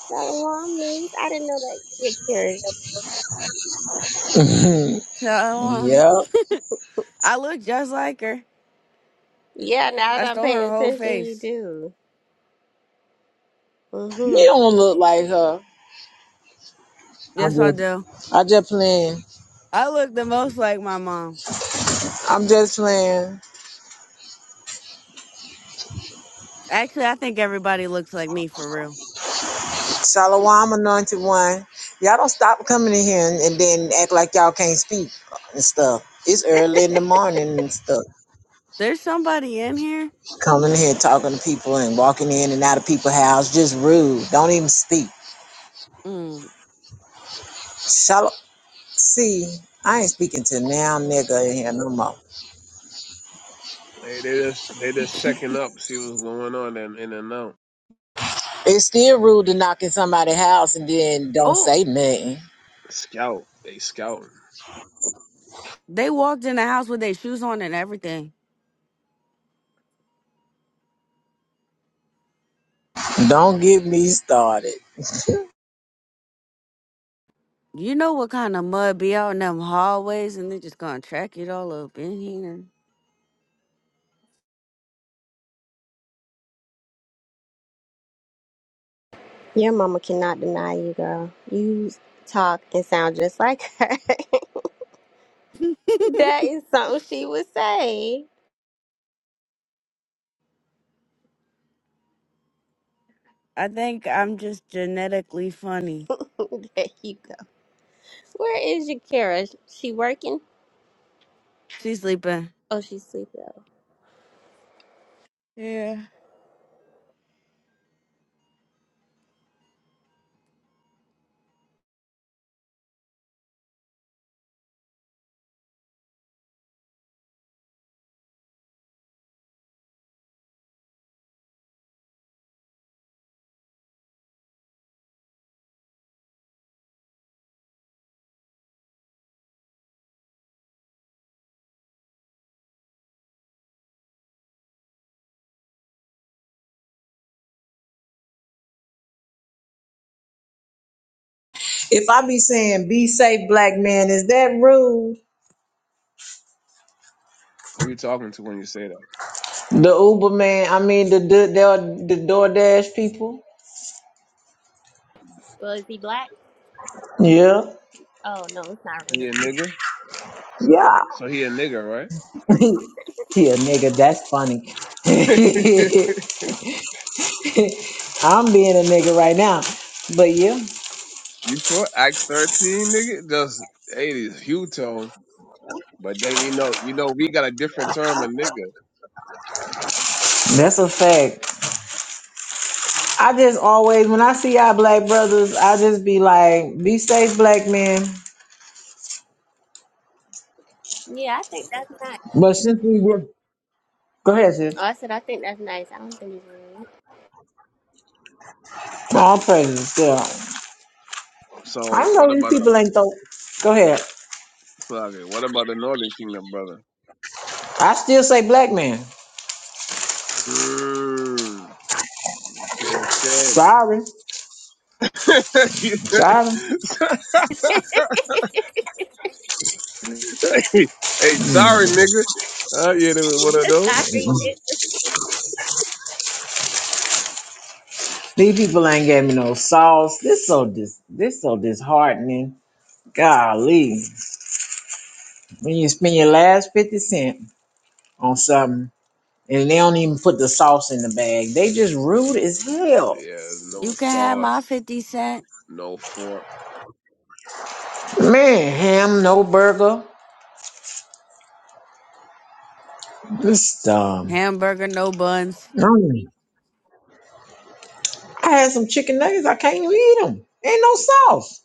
[SPEAKER 4] Shalom, niece. I didn't know that you're Akira. your mom.
[SPEAKER 2] so
[SPEAKER 3] <laughs>
[SPEAKER 2] uh,
[SPEAKER 3] yep.
[SPEAKER 2] I look just like her.
[SPEAKER 4] Yeah, now
[SPEAKER 2] I
[SPEAKER 4] that I'm
[SPEAKER 2] stole her
[SPEAKER 4] paying
[SPEAKER 2] whole
[SPEAKER 4] attention, you
[SPEAKER 2] face.
[SPEAKER 4] do.
[SPEAKER 3] You
[SPEAKER 4] Mm-hmm.
[SPEAKER 3] don't look like her. I'm
[SPEAKER 2] Yes, I
[SPEAKER 3] just,
[SPEAKER 2] do.
[SPEAKER 3] I just playing.
[SPEAKER 2] I look the most like my mom.
[SPEAKER 3] I'm just playing.
[SPEAKER 2] Actually, I think everybody looks like me for real.
[SPEAKER 3] Salawam anointed one. Y'all don't stop coming in here and, and then act like y'all can't speak and stuff. It's early in the morning and stuff.
[SPEAKER 2] There's somebody in here.
[SPEAKER 3] Coming in here talking to people and walking in and out of people's house. Just rude. Don't even speak.
[SPEAKER 2] Mm.
[SPEAKER 3] Shalom. See, I ain't speaking to now nigga in here no
[SPEAKER 4] Okay.
[SPEAKER 3] more.
[SPEAKER 6] they they just they just checking up, see what's going on, and in and out.
[SPEAKER 3] It's still rude to knock in somebody's house and then don't
[SPEAKER 2] Oh,
[SPEAKER 3] say nothing.
[SPEAKER 6] Scout, they scouting.
[SPEAKER 2] they walked in the house with their shoes on and everything.
[SPEAKER 3] Don't get me started.
[SPEAKER 2] You know what kind of mud be out in them hallways and they're just gonna track it all up in here.
[SPEAKER 4] Your mama cannot deny you, girl. You talk and sound just like her. <laughs> That is something she would say.
[SPEAKER 2] I think I'm just genetically funny.
[SPEAKER 4] <laughs> there you go. Where is Yakira? She working?
[SPEAKER 2] She sleeping.
[SPEAKER 4] Oh, she's sleeping.
[SPEAKER 2] Yeah.
[SPEAKER 3] If I be saying be safe, black man, is that rude?
[SPEAKER 6] Who you talking to when you say that?
[SPEAKER 3] The Uber man, I mean the the the, the DoorDash people.
[SPEAKER 4] Well, is he black?
[SPEAKER 3] Yeah,
[SPEAKER 4] Oh no, it's not
[SPEAKER 6] He
[SPEAKER 4] rude.
[SPEAKER 6] a nigga. So,
[SPEAKER 3] yeah.
[SPEAKER 6] so he a nigga, right?
[SPEAKER 3] <laughs> yeah, nigga, that's funny.
[SPEAKER 6] <laughs>
[SPEAKER 3] <laughs> I'm being a nigga right now, but yeah,
[SPEAKER 6] You sure? Acts thirteen, nigga. Just hey, it's hue tone. But then you know, you know, we got a different term of nigga.
[SPEAKER 3] that's a fact. I just always when I see our black brothers, I just be like, be safe, black man.
[SPEAKER 4] Yeah, I think that's nice.
[SPEAKER 3] But since we were, go ahead, sis.
[SPEAKER 4] Oh, I said I think that's nice. I don't think
[SPEAKER 3] All praises, yeah.
[SPEAKER 6] So
[SPEAKER 3] I
[SPEAKER 6] what
[SPEAKER 3] know these
[SPEAKER 6] about a
[SPEAKER 3] people ain't though. Go ahead.
[SPEAKER 6] sorry, what about the Northern Kingdom, brother?
[SPEAKER 3] I still say black man.
[SPEAKER 6] Mm, okay,
[SPEAKER 3] Sorry,
[SPEAKER 6] okay.
[SPEAKER 3] sorry.
[SPEAKER 4] it's. rude.
[SPEAKER 6] <laughs> hey, hey, sorry, nigga. Uh, yeah, they were one of
[SPEAKER 4] <laughs>
[SPEAKER 6] those.
[SPEAKER 4] Sorry,
[SPEAKER 3] These people ain't gave me no sauce. This so dis this so disheartening. Golly. When you spend your last fifty cent on something and they don't even put the sauce in the bag. They just rude as hell.
[SPEAKER 6] Yeah,
[SPEAKER 2] You
[SPEAKER 6] no
[SPEAKER 2] can have
[SPEAKER 6] sauce,
[SPEAKER 2] my 50 cent
[SPEAKER 6] no fork.
[SPEAKER 3] Man, ham, no burger. This um
[SPEAKER 2] hamburger, no buns.
[SPEAKER 3] mm. I had some chicken nuggets, I can't even eat them. Ain't no sauce.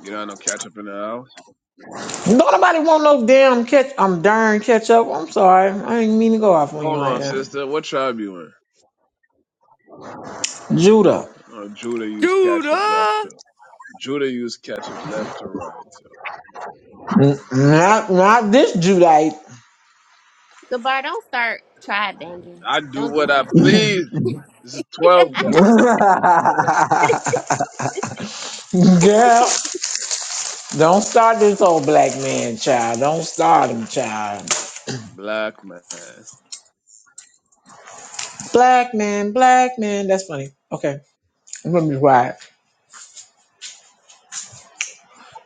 [SPEAKER 6] You don't have no ketchup in the house.
[SPEAKER 3] Don't nobody want no damn ketchup. I'm darn ketchup. I'm sorry. I didn't mean to go off on you
[SPEAKER 6] Hold
[SPEAKER 3] like
[SPEAKER 6] on,
[SPEAKER 3] that.
[SPEAKER 6] sister. What tribe you in?
[SPEAKER 3] Judah.
[SPEAKER 6] Uh, Judah used ketchup left. too.
[SPEAKER 2] Judah!
[SPEAKER 6] Judah used ketchup left to right. So
[SPEAKER 3] N- Not not this Judite.
[SPEAKER 4] goodbye. don't start try banging.
[SPEAKER 6] I do
[SPEAKER 4] Don't do
[SPEAKER 6] what I
[SPEAKER 4] that.
[SPEAKER 6] please. This is twelve guy.
[SPEAKER 3] Girl, don't start this old black man, child. Don't start him, child.
[SPEAKER 6] Black man.
[SPEAKER 3] Black man, black man. That's funny. Okay, I'm gonna be quiet.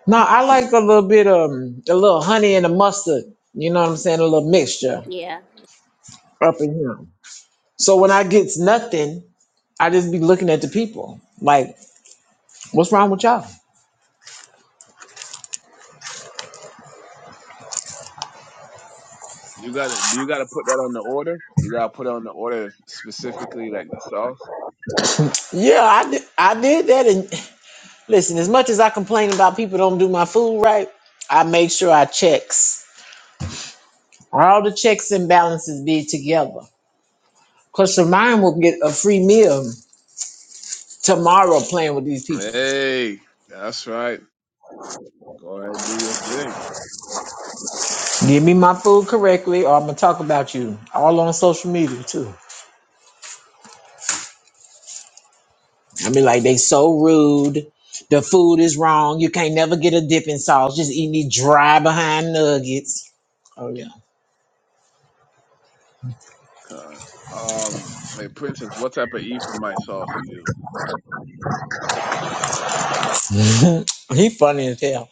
[SPEAKER 3] No, I like a little bit of um, a little honey and a mustard. You know what I'm saying? A little mixture
[SPEAKER 4] Yeah.
[SPEAKER 3] up in here. So when I gets nothing, I just be looking at the people like, what's wrong with y'all?
[SPEAKER 6] You gotta you gotta put that on the order? You gotta put it on the order specifically like the sauce.
[SPEAKER 3] Yeah, I did, I did that. And listen, as much as I complain about people don't do my food right, I make sure I checks. All the checks and balances be together. Cause Shemine will get a free meal tomorrow playing with these people.
[SPEAKER 6] Hey, that's right. Go ahead and do your thing.
[SPEAKER 3] Give me my food correctly, or I'm gonna talk about you. All on social media too. I be like, they so rude. The food is wrong. You can't never get a dipping sauce. Just eating these dry behind nuggets. Oh yeah,
[SPEAKER 6] Con. Um hey Princess, what type of E for my sauce you use?
[SPEAKER 3] <laughs> he funny as hell.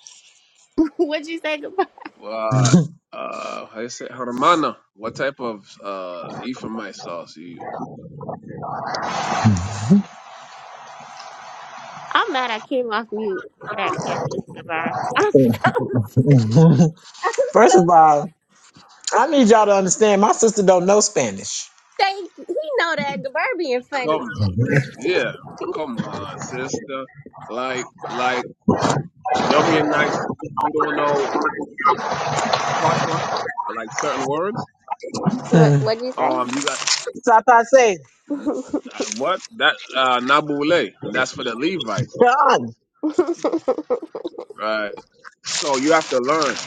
[SPEAKER 4] <laughs> What'd you say, goodbye?
[SPEAKER 6] Well uh how you say Hermana, what type of uh E for my sauce you use?
[SPEAKER 4] I'm mad. I came off mute for that question, goodbye. <laughs> I'm so
[SPEAKER 3] <laughs> First
[SPEAKER 4] so.
[SPEAKER 3] of all, I need y'all to understand. My sister don't know Spanish.
[SPEAKER 4] Thank you. He know that goodbye being
[SPEAKER 6] Come
[SPEAKER 4] funny.
[SPEAKER 6] on. Yeah, come on, sister like like Yumian nights who don't know patois, I like certain words.
[SPEAKER 4] What
[SPEAKER 3] Hmm.
[SPEAKER 4] What'd you
[SPEAKER 6] Um,
[SPEAKER 4] say?
[SPEAKER 6] you got
[SPEAKER 3] Sapase.
[SPEAKER 6] mm,
[SPEAKER 4] <laughs>
[SPEAKER 6] uh, what that uh nabule, and that's for the Levites,
[SPEAKER 4] <laughs>
[SPEAKER 6] right? So you have to learn.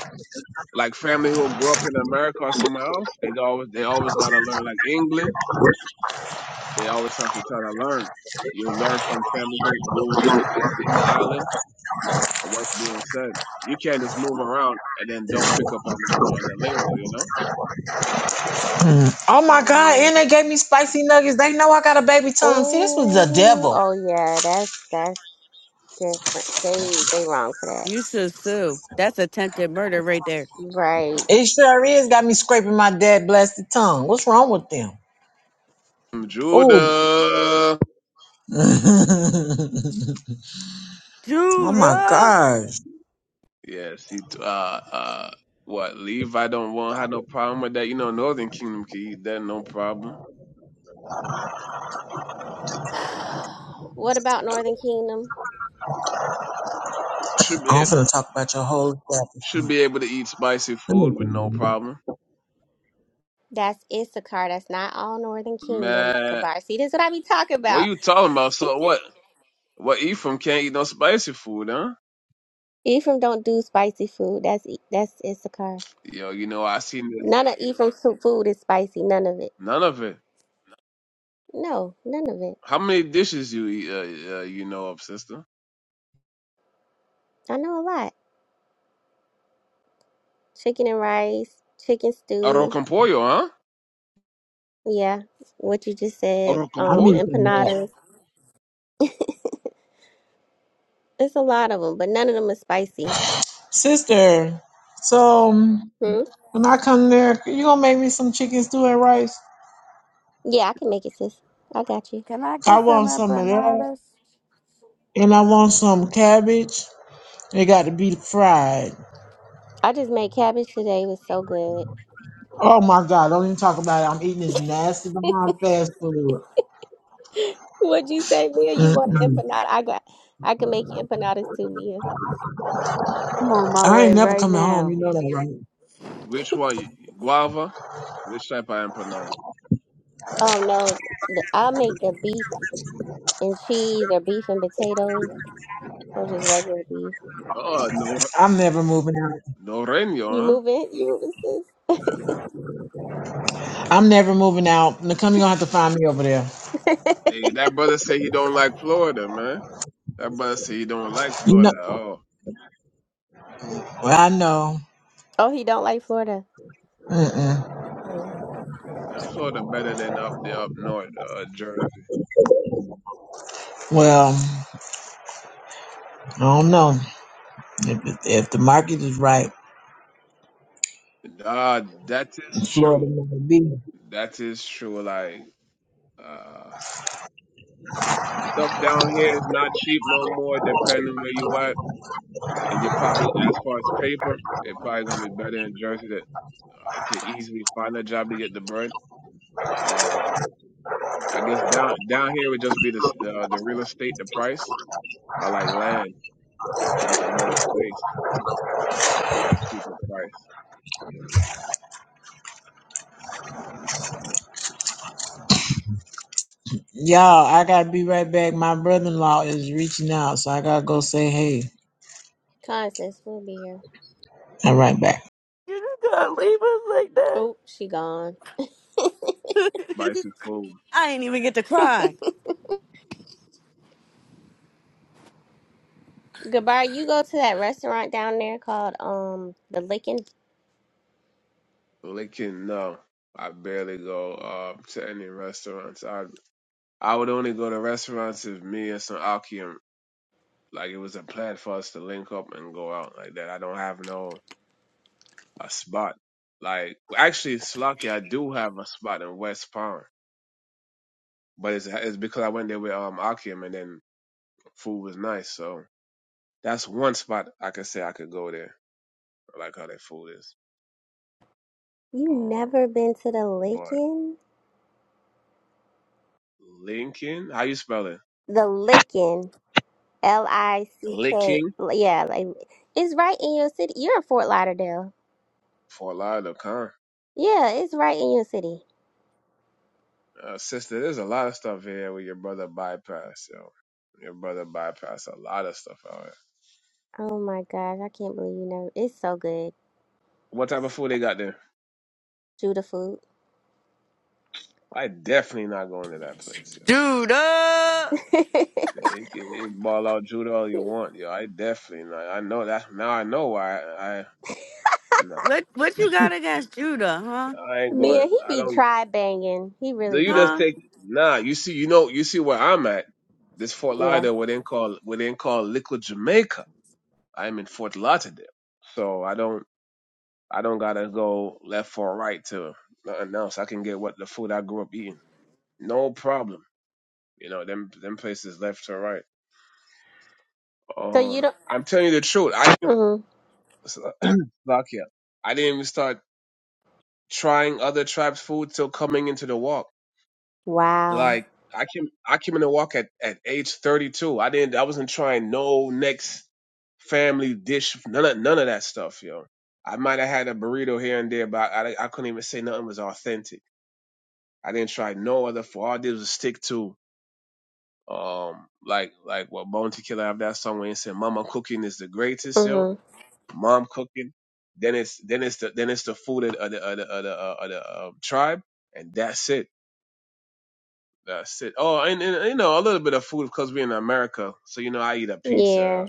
[SPEAKER 6] Like family who grew up in America or somewhere else, they always they always gotta learn. Like England, they always have to try to learn. You learn from family who who is in the island or what's being said. You can't just move around and then don't pick up on the on the lingo, you know.
[SPEAKER 3] Mm. Oh my God.
[SPEAKER 4] Um,
[SPEAKER 3] And they gave me spicy nuggets. They know I got a baby tongue. See, this was the
[SPEAKER 4] oh,
[SPEAKER 3] devil.
[SPEAKER 4] oh yeah, that's that's different. They they wrong for that,
[SPEAKER 2] You should sue. That's attempted murder right there.
[SPEAKER 4] right?
[SPEAKER 3] It sure is got me scraping my dad blasted tongue. What's wrong with them? Oh,
[SPEAKER 6] Judah.
[SPEAKER 3] oh my
[SPEAKER 2] Judah!
[SPEAKER 3] gosh.
[SPEAKER 6] Yes, he t- uh uh what Levi don't want have no problem with that. You know, Northern Kingdom can eat that no problem.
[SPEAKER 4] <sighs> What about Northern Kingdom?
[SPEAKER 6] Should
[SPEAKER 3] I'm
[SPEAKER 6] be
[SPEAKER 3] finna talk about your whole
[SPEAKER 6] should
[SPEAKER 3] establishment.
[SPEAKER 6] be able to eat spicy
[SPEAKER 3] Let me
[SPEAKER 6] food
[SPEAKER 3] get
[SPEAKER 6] with no
[SPEAKER 3] it
[SPEAKER 6] problem.
[SPEAKER 4] That's Issachar. That's not all Northern Kingdom.
[SPEAKER 6] Man,
[SPEAKER 4] Kabar. See, this is what I be talking
[SPEAKER 6] what
[SPEAKER 4] about.
[SPEAKER 6] you talking about? So what? What Ephraim can't eat no spicy food, huh?
[SPEAKER 4] Ephraim don't do spicy food. That's E- that's Issachar.
[SPEAKER 6] Yo, you know I seen this.
[SPEAKER 4] None of Ephraim's su- food is spicy. None of it.
[SPEAKER 6] None of it.
[SPEAKER 4] No, none of it.
[SPEAKER 6] How many dishes you eat? Uh, uh, you know of, sister?
[SPEAKER 4] I know a lot. Chicken and rice, chicken
[SPEAKER 6] Arroz
[SPEAKER 4] stew.
[SPEAKER 6] con pollo, huh?
[SPEAKER 4] Yeah, what you just said.
[SPEAKER 6] Arroz con
[SPEAKER 3] I
[SPEAKER 4] Um,
[SPEAKER 3] need
[SPEAKER 6] pollo.
[SPEAKER 3] some of that.
[SPEAKER 4] empanadas. It's a lot of them, but none of them are spicy.
[SPEAKER 3] Sister, so um,
[SPEAKER 4] Hmm?
[SPEAKER 3] when I come there, you gonna make me some chicken stew and rice?
[SPEAKER 4] Yeah, I can make it, sis. I got you.
[SPEAKER 2] Can I
[SPEAKER 3] I
[SPEAKER 2] get some
[SPEAKER 3] want some of that.
[SPEAKER 2] empanadas?
[SPEAKER 3] And I want some cabbage. It got to be fried.
[SPEAKER 4] I just made cabbage today. It was so good.
[SPEAKER 3] Oh my God, don't even talk about it. I'm eating this nasty
[SPEAKER 4] <laughs>
[SPEAKER 3] behind fast food.
[SPEAKER 4] What'd you say, Mia? You want an
[SPEAKER 3] Mm-mm.
[SPEAKER 4] empanada? I got. I can make you empanadas too, Mia.
[SPEAKER 2] I'm on my
[SPEAKER 3] I
[SPEAKER 2] way
[SPEAKER 3] ain't never
[SPEAKER 2] right
[SPEAKER 3] coming home. You
[SPEAKER 2] now.
[SPEAKER 3] know that, right?
[SPEAKER 6] Which one? Guava. Which type of empanada?
[SPEAKER 4] Oh no, the, I make the beef and cheese, or beef and potatoes, or just regular beef.
[SPEAKER 6] Oh, no,
[SPEAKER 3] I'm never moving out.
[SPEAKER 6] no reño,
[SPEAKER 4] You
[SPEAKER 6] huh?
[SPEAKER 4] moving? You moving,
[SPEAKER 3] I'm never moving out. Nakami gonna have to find me over there.
[SPEAKER 4] sis?
[SPEAKER 6] Hey,
[SPEAKER 4] <laughs>
[SPEAKER 6] that brother say he don't like Florida, man. That brother say he don't like
[SPEAKER 3] You know,
[SPEAKER 6] Florida at
[SPEAKER 3] well,
[SPEAKER 6] all.
[SPEAKER 3] I know.
[SPEAKER 4] oh, he don't like Florida.
[SPEAKER 3] Mm-mm.
[SPEAKER 4] Hmm.
[SPEAKER 6] Man, Florida better than up the up north, uh, Jersey.
[SPEAKER 3] Well, I don't know if, if the market is right.
[SPEAKER 6] Uh, that is
[SPEAKER 3] Florida
[SPEAKER 6] true.
[SPEAKER 3] might be.
[SPEAKER 6] That is true. Like, uh, stuff down here is not cheap no more, depending where you at. And you probably, as far as paper, it probably gonna be better in Jersey to, uh, to easily find a job to get the bread. Um, I guess down down here would just be the s- uh, the real estate, the price. I like land, getting more space. for a cheaper price.
[SPEAKER 3] Y'all, I gotta be right back. My brother-in-law is reaching out, so I gotta go say hey.
[SPEAKER 4] Con we'll be here.
[SPEAKER 3] I'm right back.
[SPEAKER 2] You just gonna leave us like that?
[SPEAKER 4] Oh, she gone.
[SPEAKER 6] Spicy food,
[SPEAKER 2] I ain't even get to cry.
[SPEAKER 4] Goodbye. You go to that restaurant down there called um the Licking
[SPEAKER 6] licking. No, I barely go uh, to any restaurants. I I would only go to restaurants if me and some Akim like it was a plan for us to link up and go out like that. I don't have no a spot. Like actually, Slocky, I do have a spot in West Palm, but it's it's because I went there with um Akim and then food was nice, so that's one spot I could say I could go there. I like how their food is.
[SPEAKER 4] You
[SPEAKER 6] Um,
[SPEAKER 4] never been to the
[SPEAKER 6] but
[SPEAKER 4] Lickin'?
[SPEAKER 6] Lincoln, how you spell it?
[SPEAKER 4] The Lickin', L I C K.
[SPEAKER 6] licking
[SPEAKER 4] like, Yeah, like it's right in your city. You're in Fort Lauderdale.
[SPEAKER 6] for a lot of con.
[SPEAKER 4] Yeah, it's right in your city.
[SPEAKER 6] Uh, sister, there's a lot of stuff here where your brother bypass. Yo. Your brother bypass a lot of stuff out here.
[SPEAKER 4] Oh my gosh, I can't believe you know. It's so good.
[SPEAKER 6] What type of food they got there?
[SPEAKER 4] Shoot the food.
[SPEAKER 6] I definitely not going to that place, yo.
[SPEAKER 2] Judah!
[SPEAKER 4] <laughs>
[SPEAKER 6] It, it, it ball out Judah all you want, yo. I definitely not. I know that now. I know why I, I no.
[SPEAKER 2] What what you got against Judah, huh?
[SPEAKER 6] I ain't going.
[SPEAKER 4] Man, he
[SPEAKER 6] I
[SPEAKER 4] be
[SPEAKER 6] don't.
[SPEAKER 4] try banging. He
[SPEAKER 6] Do
[SPEAKER 4] really
[SPEAKER 6] you
[SPEAKER 4] do.
[SPEAKER 6] just
[SPEAKER 2] Huh?
[SPEAKER 6] take? Nah. You see, you know, you see where I'm at. This Fort
[SPEAKER 4] Yeah.
[SPEAKER 6] Lauderdale, what they call, what they call Liquid Jamaica. I'm in Fort Lauderdale, so I don't. I don't gotta go left or right to nothing else. I can get what the food I grew up eating. No problem. You know, them them places left or right.
[SPEAKER 4] So you
[SPEAKER 6] Um
[SPEAKER 4] don't.
[SPEAKER 6] I'm telling you the truth. I
[SPEAKER 4] Mm-hmm.
[SPEAKER 6] didn't <clears throat> lock here. I didn't even start trying other tribes food till coming into the walk.
[SPEAKER 4] Wow.
[SPEAKER 6] Like I came I came in the walk at, at age thirty two. I didn't I wasn't trying no next family dish, none of none of that stuff, yo. I might have had a burrito here and there, but I, I couldn't even say nothing was authentic I didn't try no other For All I did was stick to um like like what Bounty Killer have that song where he said Mama cooking is the greatest, yo.
[SPEAKER 4] Mm-hmm.
[SPEAKER 6] Mom cooking. Then it's then it's the then it's the food of the of the of the, of the, uh, of the um, tribe, and that's it. That's it. Oh, and, and you know a little bit of food because we're in America, so you know I eat a
[SPEAKER 4] Yeah.
[SPEAKER 6] pizza.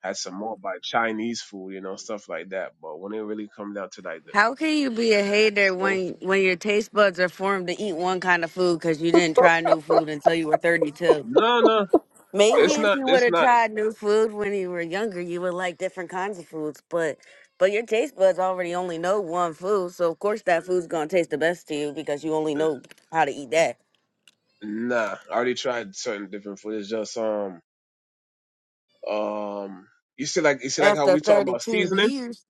[SPEAKER 6] Had some more by Chinese food, you know, stuff like that. But when it really comes down to like the
[SPEAKER 2] How can you be a hater
[SPEAKER 6] most,
[SPEAKER 2] when when your taste buds are formed to eat one kind of food because you didn't try new food until you were 32?
[SPEAKER 6] no, no,
[SPEAKER 2] Maybe
[SPEAKER 6] it's
[SPEAKER 2] if
[SPEAKER 6] not,
[SPEAKER 2] you would
[SPEAKER 6] it's
[SPEAKER 2] have
[SPEAKER 6] not,
[SPEAKER 2] tried new food when you were younger, you would like different kinds of foods, but but your taste buds already only know one food, so of course that food's gonna taste the best to you because you only
[SPEAKER 6] uh,
[SPEAKER 2] know how to eat that.
[SPEAKER 6] nah. I already tried certain different food. It's just um, Um, you see, like you see, like how
[SPEAKER 2] After
[SPEAKER 6] we talking about
[SPEAKER 2] 32
[SPEAKER 6] seasoning.
[SPEAKER 2] years,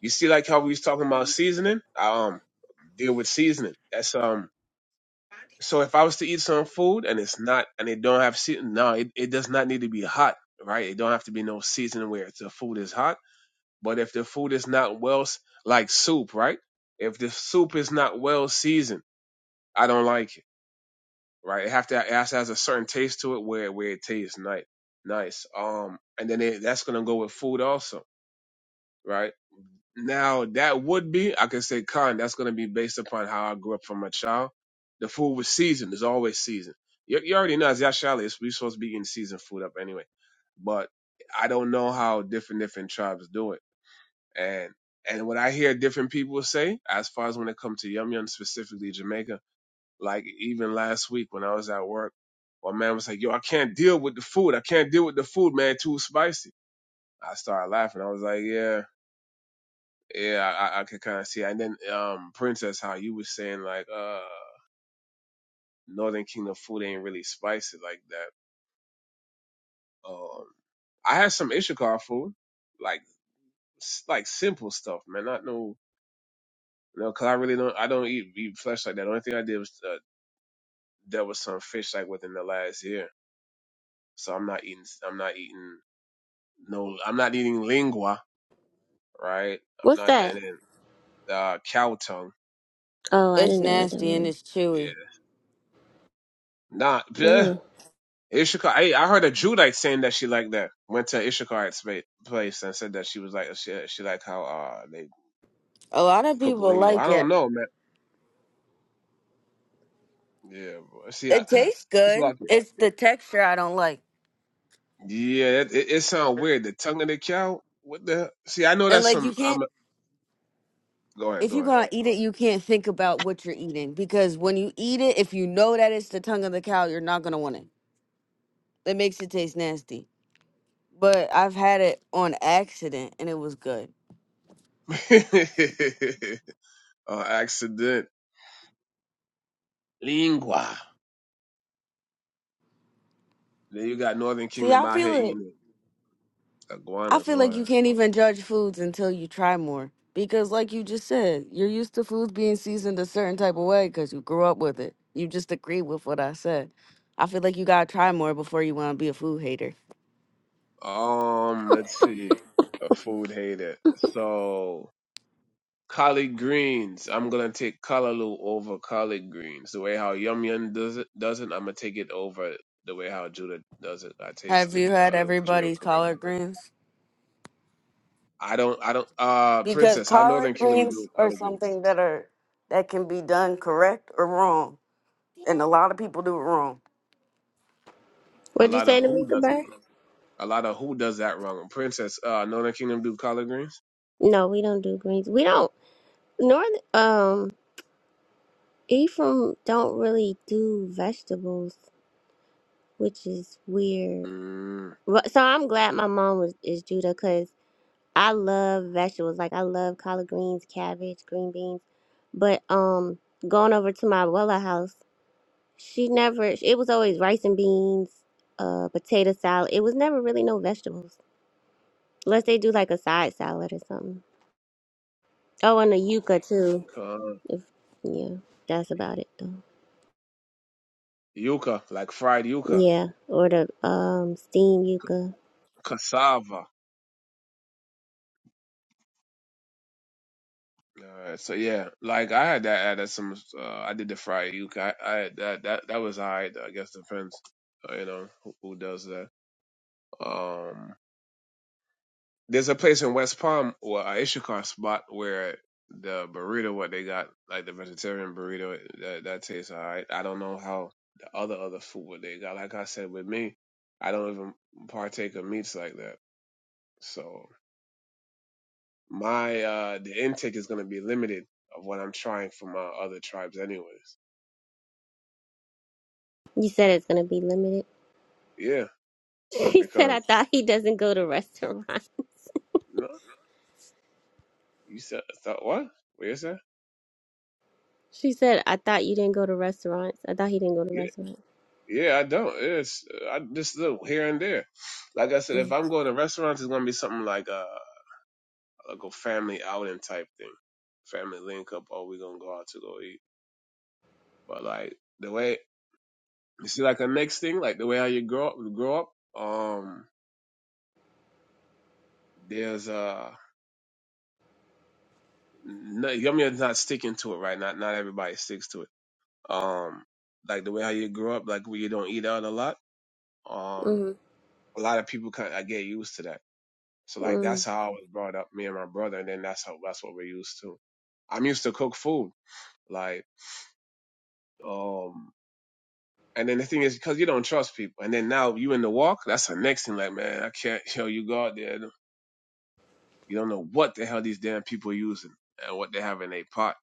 [SPEAKER 6] You see, like how we was talking about seasoning. I, um, deal with seasoning. That's um. So if I was to eat some food and it's not and it don't have seasoning, no, it, it does not need to be hot, right? It don't have to be no seasoning where the food is hot. But if the food is not well, s- like soup, right? If the soup is not well seasoned, I don't like it, right? It have to it has, to has a certain taste to it where where it tastes nice, nice. Um, and then it, that's gonna go with food also, right? Now that would be, I could say, Khan. That's going to be based upon how I grew up from a child. The food was seasoned. It's always seasoned. You, you already know as Yashali, it's we supposed to be eating seasoned food up anyway. But I don't know how different different tribes do it. And and what I hear different people say, as far as when it comes to yum yum specifically Jamaica, like even last week when I was at work, one man was like, "Yo, I can't deal with the food. I can't deal with the food, man. Too spicy." I started laughing. I was like, "Yeah." Yeah, I, I could kind of see. that. And then, um, Princess, how you was saying like, uh, Northern Kingdom food ain't really spicy like that. Um, I had some Ishikar food, like s- like simple stuff, man. Not no, you know, 'cause I really don't. I don't eat, eat flesh like that. The only thing I did was uh, there was some fish like within the last year, so I'm not eating. I'm not eating no. I'm not eating lingua, right? I'm
[SPEAKER 4] What's
[SPEAKER 6] not,
[SPEAKER 4] that?
[SPEAKER 6] and then uh, cow tongue.
[SPEAKER 4] Oh, I
[SPEAKER 2] it's
[SPEAKER 4] didn't know what that
[SPEAKER 2] nasty and
[SPEAKER 4] was.
[SPEAKER 2] it's
[SPEAKER 6] Yeah,
[SPEAKER 2] chewy.
[SPEAKER 6] not. <laughs>
[SPEAKER 4] Ooh.
[SPEAKER 6] Ishikar, I, I heard a Judite saying that she liked that. Went to Ishikar's spa- place and said that she was like she she like how uh they
[SPEAKER 2] A lot of
[SPEAKER 6] cook
[SPEAKER 2] people
[SPEAKER 6] lingua. I
[SPEAKER 2] like it.
[SPEAKER 6] don't know, man. Yeah, bro. see, I,
[SPEAKER 2] It tastes
[SPEAKER 6] it's
[SPEAKER 2] good.
[SPEAKER 6] like
[SPEAKER 2] It's the texture I don't like.
[SPEAKER 6] yeah, it, it, it sounds weird. The tongue of the cow. What the? See, I know
[SPEAKER 2] And
[SPEAKER 6] that's
[SPEAKER 2] like
[SPEAKER 6] some.
[SPEAKER 2] you can't
[SPEAKER 6] I'm a, go ahead,
[SPEAKER 2] if you're
[SPEAKER 6] go
[SPEAKER 2] gonna eat it, you can't think about what you're eating because when you eat it, if you know that it's the tongue of the cow, you're not gonna want it. It makes it taste nasty. But I've had it on accident and it was good.
[SPEAKER 6] ahead. <laughs> uh, accident lingua. Then you got Northern
[SPEAKER 2] See,
[SPEAKER 6] Kingdom
[SPEAKER 2] I
[SPEAKER 6] out here
[SPEAKER 2] feel it.
[SPEAKER 6] eating it.
[SPEAKER 2] I
[SPEAKER 6] iguanas.
[SPEAKER 2] feel
[SPEAKER 6] Go
[SPEAKER 2] like you
[SPEAKER 6] ahead.
[SPEAKER 2] can't even judge foods until you try more because, like you just said, you're used to foods being seasoned a certain type of way because you grew up with it. You just agree with what I said. I feel like you gotta try more before you want to be a food hater.
[SPEAKER 6] Um, let's see. A food hater. So collard greens. I'm gonna take callaloo over collard greens. The way how Yum Yum does it doesn't, I'm gonna take it over the way how Judah does it. I
[SPEAKER 2] Have
[SPEAKER 6] tasted
[SPEAKER 2] you had
[SPEAKER 6] uh, the Judah
[SPEAKER 2] everybody's
[SPEAKER 6] cooking
[SPEAKER 2] collard
[SPEAKER 6] already.
[SPEAKER 2] greens?
[SPEAKER 6] I don't I don't uh
[SPEAKER 2] Because
[SPEAKER 6] Princess, how Northern
[SPEAKER 2] collard
[SPEAKER 6] Kingdom do
[SPEAKER 2] greens are
[SPEAKER 6] collard greens?
[SPEAKER 2] something that are that can be done correct or wrong, and a lot of people do it wrong.
[SPEAKER 6] A
[SPEAKER 4] What'd you
[SPEAKER 6] lot of
[SPEAKER 4] say to me?
[SPEAKER 6] who does
[SPEAKER 4] Goodbye.
[SPEAKER 6] it? A lot of who does that wrong? Princess, uh Northern Kingdom do collard greens?
[SPEAKER 4] No, we don't do greens. We don't. North um Ephraim don't really do vegetables, which is weird.
[SPEAKER 6] Mm,
[SPEAKER 4] But so I'm glad my mom was is Judah because I love vegetables. Like I love collard greens, cabbage, green beans. But um, going over to my abuela house, she never. It was always rice and beans, uh, potato salad. It was never really no vegetables unless they do like a side salad or something. Oh, and a yuca too.
[SPEAKER 6] ca-
[SPEAKER 4] If yeah, that's about it though.
[SPEAKER 6] yuca, like fried yuca.
[SPEAKER 4] Yeah, or the um steam yuca.
[SPEAKER 6] Cassava. Alright, so yeah, like I had that at a- some. Uh, I did the fried yuca. I, I had that that that was alright against the fence. Uh, you know who, who does that? Um, there's a place in West Palm or uh, Ishikar spot where the burrito what they got like the vegetarian burrito that that tastes alright. I don't know how the other other food what they got. Like I said, with me, I don't even partake of meats like that. So my uh the intake is gonna be limited of what I'm trying from uh, other tribes anyways.
[SPEAKER 4] You said it's gonna be limited.
[SPEAKER 6] Yeah,
[SPEAKER 4] <laughs> She said I
[SPEAKER 6] because
[SPEAKER 4] thought he doesn't go to restaurants.
[SPEAKER 6] no, you said thought what? What you say?
[SPEAKER 4] She said I thought you didn't go to restaurants. I thought he didn't go to
[SPEAKER 6] Yeah,
[SPEAKER 4] restaurants.
[SPEAKER 6] yeah, I don't. It's I just look here and there. Like I said, if
[SPEAKER 4] Mm.
[SPEAKER 6] I'm going to restaurants, it's gonna be something like a like a family outing type thing, family link up. Oh, we gonna go out to go eat. But like the way you see, like the next thing, like the way how you grow up, grow up. Um, there's uh, no, I mean, it's not sticking to it right. Not not everybody sticks to it. Um, like the way how you grow up, like where you don't eat out a lot. Um,
[SPEAKER 4] Mm.
[SPEAKER 6] a lot of people can I get used to that. So like that's
[SPEAKER 4] Mm.
[SPEAKER 6] how I was brought up, me and my brother, and then that's how that's what we're used to. I'm used to cook food, like um, and then the thing is because you don't trust people, and then now you in the walk, that's the next thing. Like man, I can't, <laughs> yo, you go out there, you don't know what the hell these damn people using and what they have in their pot.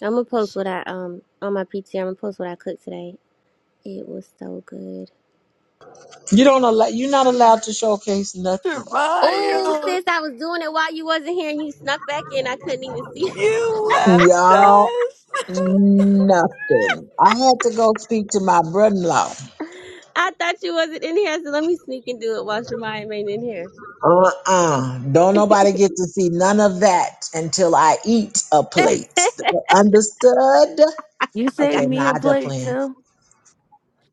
[SPEAKER 4] I'm gonna post
[SPEAKER 6] So
[SPEAKER 4] what I um on my PT. I'm gonna post what I cooked today. It was so good.
[SPEAKER 3] You don't allow. You're not allowed to showcase nothing.
[SPEAKER 4] Oh,
[SPEAKER 2] Jermaine,
[SPEAKER 4] sis, I was doing it while you wasn't here, and you snuck back in. I couldn't even see.
[SPEAKER 2] you left
[SPEAKER 3] Y'all.
[SPEAKER 2] us.
[SPEAKER 3] Nothing. I had to go speak to my brother-in-law.
[SPEAKER 4] <laughs> I thought you wasn't in here, so let me sneak and do it while Shamaya ain't in here.
[SPEAKER 3] Uh-uh. Don't nobody get to see none of that until I eat a
[SPEAKER 4] <laughs>
[SPEAKER 3] plate. Understood?
[SPEAKER 2] <laughs> you saved
[SPEAKER 3] Okay,
[SPEAKER 4] got
[SPEAKER 2] me
[SPEAKER 3] nah,
[SPEAKER 2] a
[SPEAKER 3] I just
[SPEAKER 2] plate
[SPEAKER 3] playing.
[SPEAKER 2] too.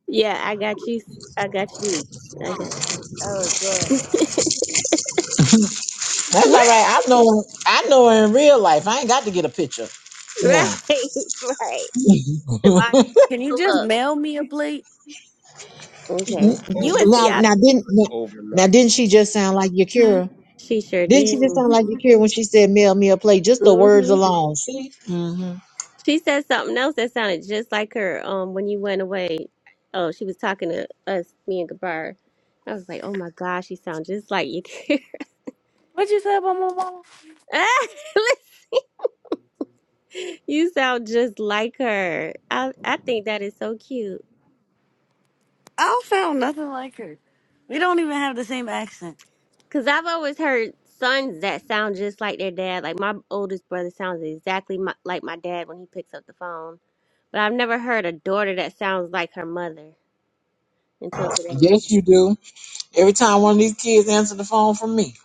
[SPEAKER 4] you. yeah, I got you. I got you, niece. I got you.
[SPEAKER 2] That was good.
[SPEAKER 3] That's
[SPEAKER 4] Where?
[SPEAKER 3] all
[SPEAKER 4] <laughs>
[SPEAKER 3] right. I know I know her in real life. I ain't got to get a picture. Now,
[SPEAKER 4] Right, right.
[SPEAKER 3] <laughs>
[SPEAKER 4] Shabbat.
[SPEAKER 2] Can you just
[SPEAKER 4] Look.
[SPEAKER 2] mail me a plate?
[SPEAKER 4] Okay.
[SPEAKER 6] oh,
[SPEAKER 4] You in
[SPEAKER 3] now,
[SPEAKER 4] Seattle.
[SPEAKER 3] now didn't now, now
[SPEAKER 6] overnight,
[SPEAKER 3] didn't she just sound like Yakira?
[SPEAKER 4] She sure
[SPEAKER 3] Didn't she
[SPEAKER 4] did.
[SPEAKER 3] just sound like Yakira when she said mail me a plate? Just the words
[SPEAKER 4] hmm
[SPEAKER 3] alone. See? hmm
[SPEAKER 4] She said something else that sounded just like her um when you went away. Oh, she was talking to us, me and Gabar. I was like, oh my gosh, she sounds just like you. <laughs>
[SPEAKER 2] What you say about my mama?
[SPEAKER 4] Ah, listen, you sound just like her. I I think that is so cute.
[SPEAKER 2] I don't sound nothing like her. We don't even have the same accent.
[SPEAKER 4] Cause I've always heard sons that sound just like their dad. Like my oldest brother sounds exactly my, like my dad when he picks up the phone. But I've never heard a daughter that sounds like her mother until today.
[SPEAKER 3] Yes, you do. Every time one of these kids answer the phone from me.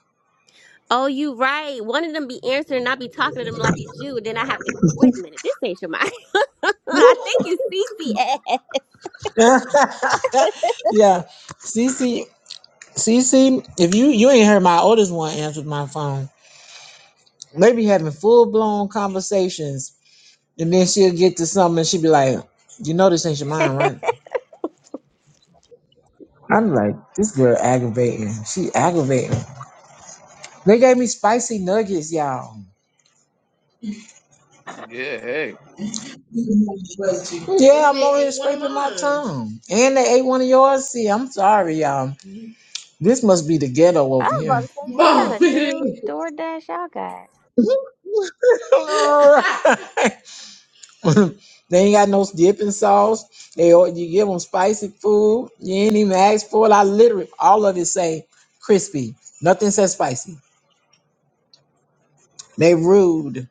[SPEAKER 4] Oh, you right. One of them be answering and I be talking to them like it's you. Then I have to wait a minute, this ain't Shemai. <laughs>
[SPEAKER 3] <laughs>
[SPEAKER 4] I
[SPEAKER 3] yeah.
[SPEAKER 4] think it's CCS.
[SPEAKER 3] Cece, Cece, if you you ain't heard my oldest one answer my phone. They be having full blown conversations. And then she'll get to something and she'll be like, You know this ain't your mind, right? I'm like, this girl aggravating. She aggravating. They gave me spicy nuggets, y'all.
[SPEAKER 6] yeah, hey,
[SPEAKER 3] Yeah, I'm over here scraping my tongue. And they ate one of yours. See, I'm sorry, y'all. This must be the ghetto
[SPEAKER 4] <laughs> I
[SPEAKER 3] over
[SPEAKER 4] was about
[SPEAKER 3] here.
[SPEAKER 4] to say,
[SPEAKER 3] <laughs>
[SPEAKER 4] what kind
[SPEAKER 3] Mom,
[SPEAKER 4] of do
[SPEAKER 3] it
[SPEAKER 4] DoorDash y'all got?
[SPEAKER 3] is. <laughs> All right. <laughs> they ain't got no dipping sauce. They all- you give them spicy food. You ain't even ask for it. I literally all of it say crispy. Nothing says spicy. They rude.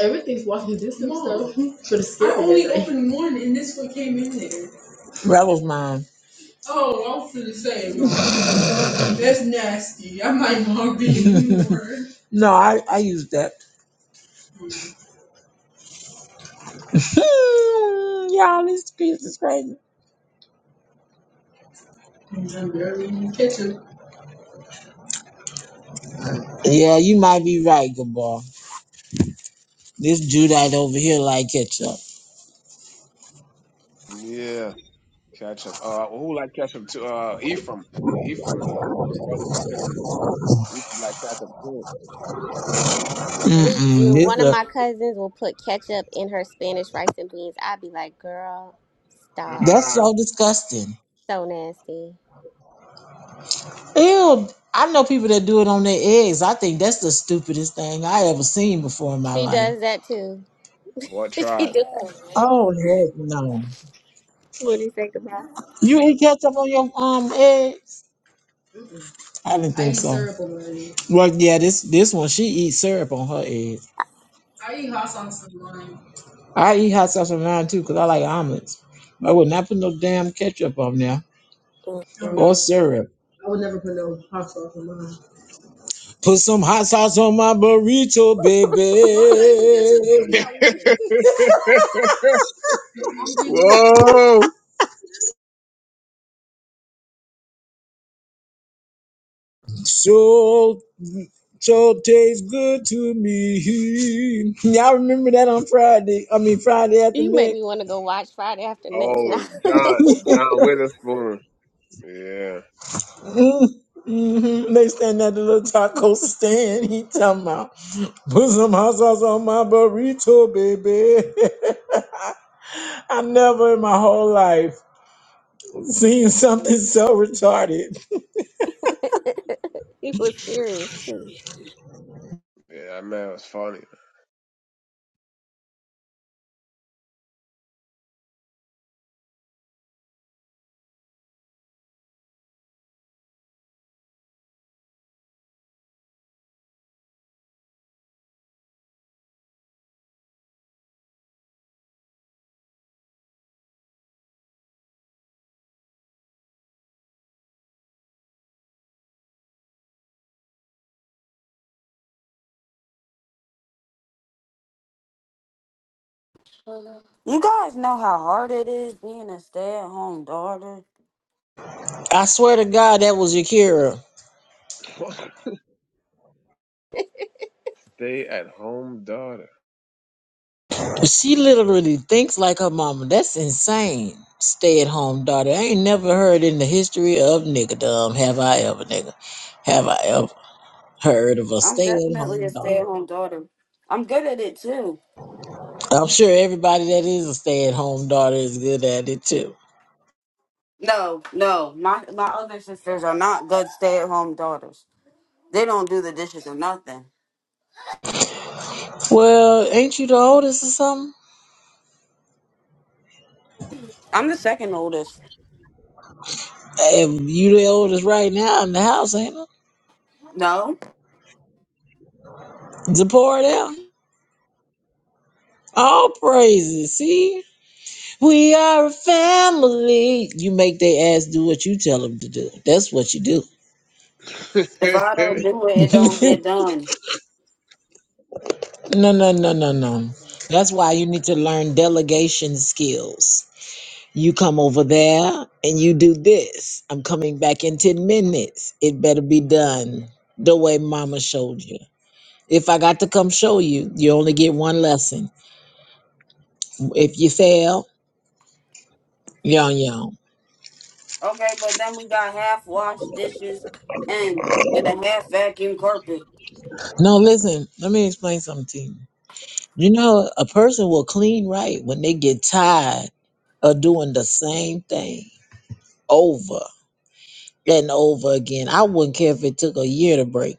[SPEAKER 3] Everything's walking distance though. For the scary. I only opened one and this one came in there. Rebels mine. Oh, I'm finna say, <laughs> that's nasty. I might not be anymore. <laughs> no, I I use that. Hmm, Y'all, this piece is crazy. Yeah, you might be right, Gabor. This Judite over here like ketchup.
[SPEAKER 6] yeah, ketchup. Uh, who like ketchup too? Uh, Ephraim, I think Ephraim. Uh, one brother was saying Ephraim like ketchup too.
[SPEAKER 4] We
[SPEAKER 3] Mm-mm,
[SPEAKER 4] do.
[SPEAKER 3] this
[SPEAKER 4] One of
[SPEAKER 3] look,
[SPEAKER 4] my cousins will put ketchup in her Spanish rice and beans. I'd be like, girl, stop.
[SPEAKER 3] that's
[SPEAKER 6] Ah,
[SPEAKER 3] so disgusting.
[SPEAKER 4] So nasty.
[SPEAKER 3] Ew, I know people that do it on their eggs. I think that's the stupidest thing I ever seen before in my
[SPEAKER 4] She
[SPEAKER 3] life.
[SPEAKER 4] does that too.
[SPEAKER 6] What
[SPEAKER 4] <laughs> she
[SPEAKER 6] tribe?
[SPEAKER 4] does.
[SPEAKER 3] Oh, heck no.
[SPEAKER 4] What do you think about?
[SPEAKER 3] You eat ketchup on your um eggs? I didn't think so. Well, yeah, this this one, she eats syrup on her eggs. I eat hot sauce on mine too because I like almonds. I would not put no damn ketchup on there or syrup. I would never Put no hot sauce on mine. Put some hot sauce on my burrito, baby.
[SPEAKER 6] <laughs> Whoa!
[SPEAKER 3] So so tastes good to me. Y'all remember that on Friday? I mean Friday after
[SPEAKER 4] You make me
[SPEAKER 3] next.
[SPEAKER 4] want to go watch Friday After Next now.
[SPEAKER 6] Oh, John John Witherspoon. Yeah,
[SPEAKER 3] Mm-hmm. They stand at the little taco stand. He talking about put some hot sauce on my burrito, baby. <laughs> I've never in my whole life seen <laughs> something so retarded.
[SPEAKER 4] <laughs> he was serious too.
[SPEAKER 6] yeah, that man was funny.
[SPEAKER 2] You guys know how hard it is being a stay-at-home daughter.
[SPEAKER 3] I swear to God, that was Yakira.
[SPEAKER 6] <laughs> Stay at home daughter.
[SPEAKER 3] She literally thinks like her mama. That's insane. Stay at home daughter. I ain't never heard in the history of niggerdom have I ever, nigga. Have I ever heard of a
[SPEAKER 2] I'm
[SPEAKER 3] stay at
[SPEAKER 2] definitely a
[SPEAKER 3] home daughter?
[SPEAKER 2] stay at home daughter. I'm good at it too.
[SPEAKER 3] I'm sure everybody that is a stay at home daughter is good at it too.
[SPEAKER 2] No, no, my my other sisters are not good stay at home daughters. They don't do the dishes or nothing.
[SPEAKER 3] Well, ain't you the oldest or something?
[SPEAKER 2] I'm the second oldest.
[SPEAKER 3] Hey, you the oldest right now in the house, ain't it?
[SPEAKER 2] No,
[SPEAKER 3] Zipporah there? All praises. See, we are a family. You make their ass do what you tell them to do. That's what you do.
[SPEAKER 6] <laughs> man,
[SPEAKER 2] if I don't do
[SPEAKER 3] <laughs>
[SPEAKER 2] it, it don't
[SPEAKER 3] no,
[SPEAKER 2] get done.
[SPEAKER 3] no, no, no, no. That's why you need to learn delegation skills. You come over there and you do this. I'm coming back in 10 minutes. It better be done the way mama showed you. If I got to come show you, you only get one lesson. If you fail, yon yon.
[SPEAKER 2] Okay, but then we got half washed dishes and and a half vacuum carpet.
[SPEAKER 3] No, listen, let me explain something to you. You know, a person will clean right when they get tired of doing the same thing over and over again. I wouldn't care if it took a year to break,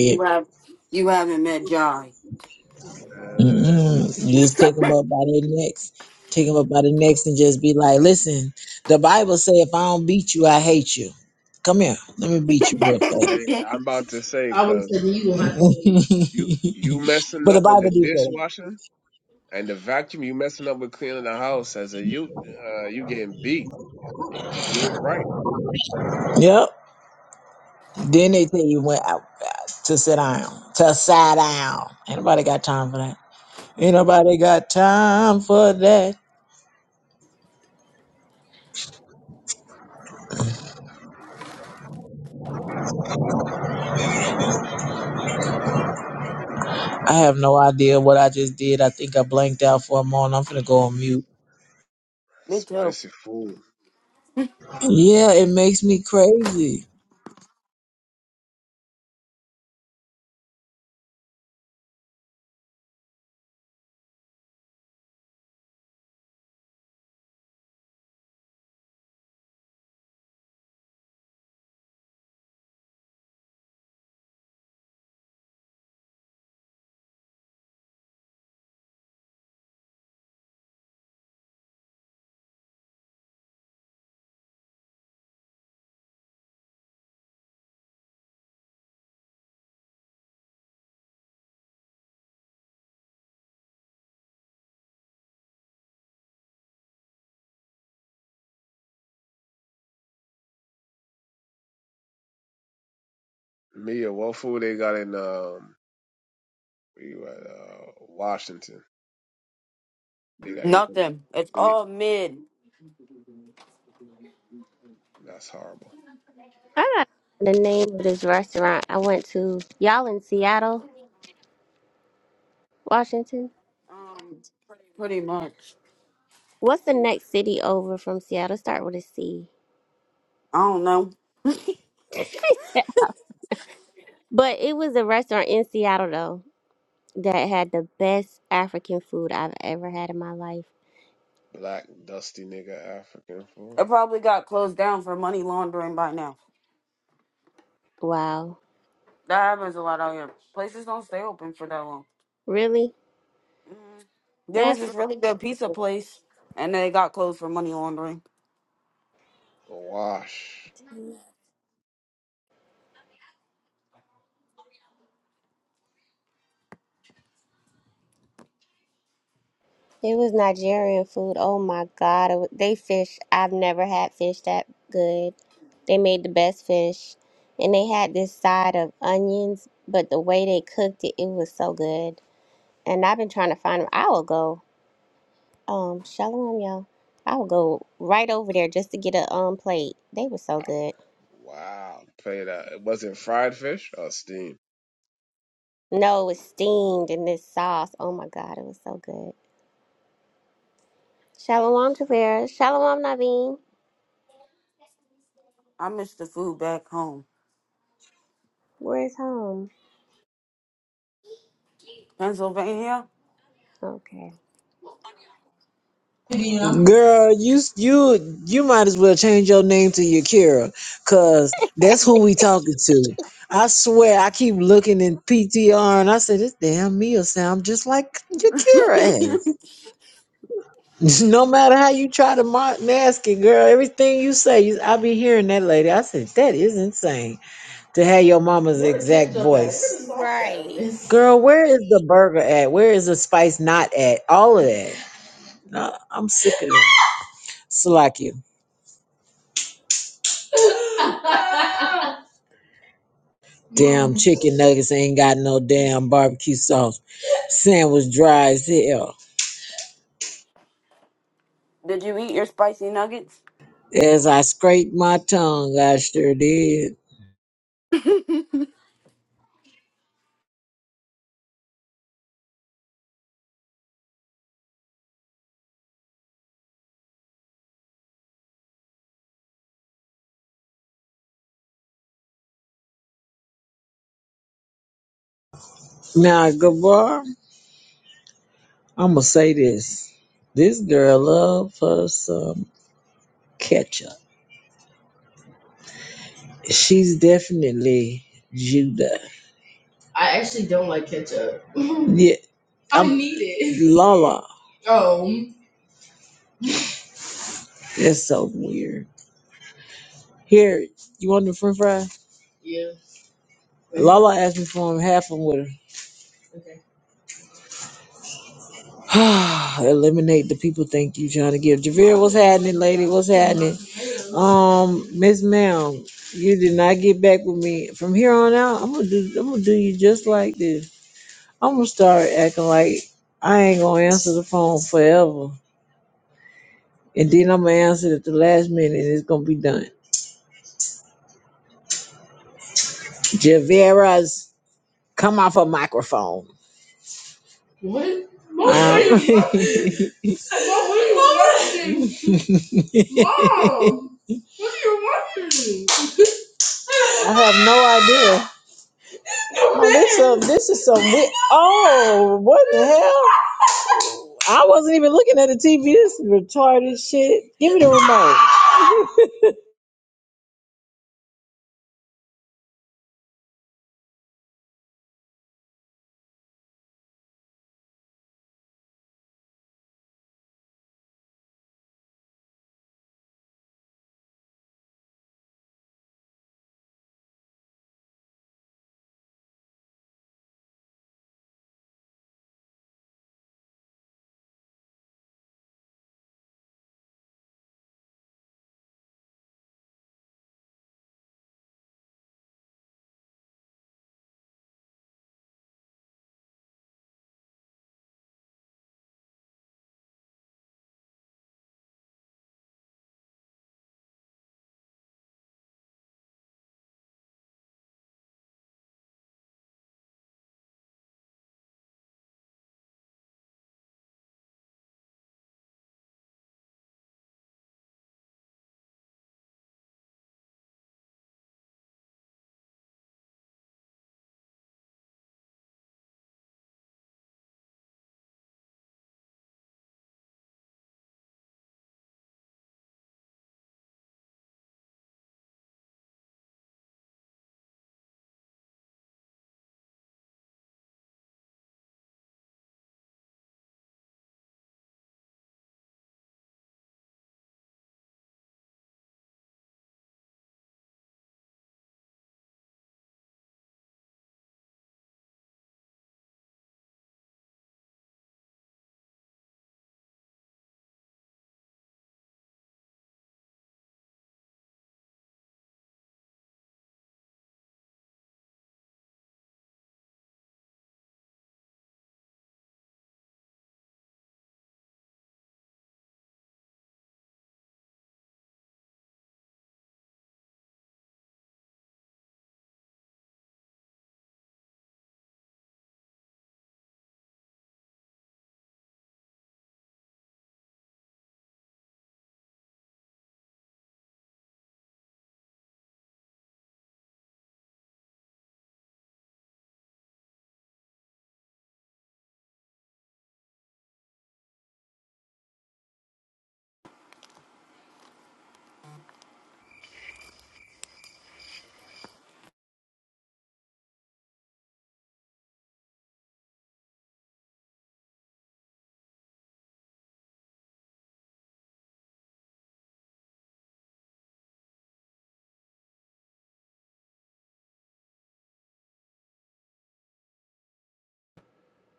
[SPEAKER 2] You have you haven't met Jai.
[SPEAKER 3] Mm-mm. You just take them up by the necks, take them up by the necks and just be like, listen, the Bible say if I don't beat you, I hate you. Come here, let me beat you real
[SPEAKER 6] hey,
[SPEAKER 3] fast.
[SPEAKER 2] <laughs>
[SPEAKER 6] I'm about to
[SPEAKER 3] <laughs>
[SPEAKER 6] say,
[SPEAKER 3] I was
[SPEAKER 6] cause
[SPEAKER 3] telling you gonna have to. <laughs>
[SPEAKER 6] you
[SPEAKER 3] do it.
[SPEAKER 6] you messing
[SPEAKER 3] but the
[SPEAKER 6] up with
[SPEAKER 3] Bible
[SPEAKER 6] the
[SPEAKER 3] do say that.
[SPEAKER 6] dishwasher and the vacuum. You messing up with cleaning the house as a you uh, you getting beat. You didn't do it right.
[SPEAKER 3] Yep. Then they tell you when out to sit down, to sit down. Ain't nobody got time for that. Ain't nobody got time for that. I have no idea what I just did. I think I blanked out for a moment. I'm finna go on mute.
[SPEAKER 2] Me too.
[SPEAKER 6] Spicy food.
[SPEAKER 3] Yeah, it makes me crazy.
[SPEAKER 6] Mia, what food they got in um we were, at, uh, Washington? Nigga, I even
[SPEAKER 2] Nothing. It's
[SPEAKER 6] it,
[SPEAKER 2] all mid.
[SPEAKER 6] that's horrible.
[SPEAKER 4] I got the name of this restaurant I went to. Y'all in Seattle, Washington.
[SPEAKER 2] Um, pretty much.
[SPEAKER 4] What's the next city over from Seattle? Start with a C.
[SPEAKER 2] I don't know.
[SPEAKER 4] <laughs> but it was a restaurant in Seattle though that had the best African food I've ever had in my life.
[SPEAKER 6] Black dusty nigga African food.
[SPEAKER 2] It probably got closed down for money laundering by now.
[SPEAKER 4] Wow,
[SPEAKER 2] That happens a lot out here. Places don't stay open for that long.
[SPEAKER 4] really?
[SPEAKER 2] Mhm. There was
[SPEAKER 4] That's
[SPEAKER 2] this really good pizza place, and they got closed for money laundering.
[SPEAKER 6] Wash.
[SPEAKER 4] it was Nigerian food. Oh my god, it wa- they fish. I've never had fish that good. They made the best fish, and they had this side of onions, but the way they cooked it, it was so good. And I've been trying to find them. I will go, um, shalom, y'all. I will go right over there just to get a um plate. They were so
[SPEAKER 6] Wow.
[SPEAKER 4] good.
[SPEAKER 6] Wow. Play that. was it fried fish or steam.
[SPEAKER 4] No, it was steamed in this sauce. Oh my God, it was so good. Shalom, Tavera. Shalom, Naveen.
[SPEAKER 2] I miss the food back home.
[SPEAKER 4] Where's home?
[SPEAKER 2] Pennsylvania.
[SPEAKER 4] Okay.
[SPEAKER 3] Yeah. Girl, you you you might as well change your name to Yakira, cause that's who we talking to. I swear, I keep looking in PTR and I said this damn meal sound just like Yakira
[SPEAKER 2] <laughs>
[SPEAKER 3] ass. <laughs> No matter how you try to ma- mask it, girl, everything you say, you, I be hearing that lady. I said that is insane to have your mama's Where is this exact stuff at? voice. Where the sauce at on
[SPEAKER 4] Right.
[SPEAKER 3] this? Girl, where is the burger at? Where is the spice not at? All of that. No, I'm sick of it. Slack you. <laughs> Damn chicken nuggets ain't got no damn barbecue sauce. Sandwich dry as hell.
[SPEAKER 2] Did you eat your spicy nuggets?
[SPEAKER 3] As I scraped my tongue, I sure did. Now, goodbye. I'ma say this. This girl love her some ketchup. She's definitely Judah. I actually don't like ketchup. <laughs> Yeah, I I'm need it. Lala. Oh, That's so weird. Here, you want the french fries? yeah. Right Lala asked me for them, half of them with her. Okay. <sighs> Eliminate the people. Thank you, trying to give. Javier, what's happening, lady? What's happening? Um, Miss Ma'am, you did not get back with me. From here on out, I'm gonna do. I'm gonna do you just like this. I'm gonna start acting like I ain't gonna answer the phone forever, and then I'm gonna answer it at the last minute, and it's gonna be done. Javera's come off a microphone. What? Mom, what are you Um, <laughs> what are you watching? <laughs> Mom! What do you want? I have no idea. No, Oh, this some this is some we oh what the hell? I wasn't even looking at the TV. This is retarded shit. Give me the remote.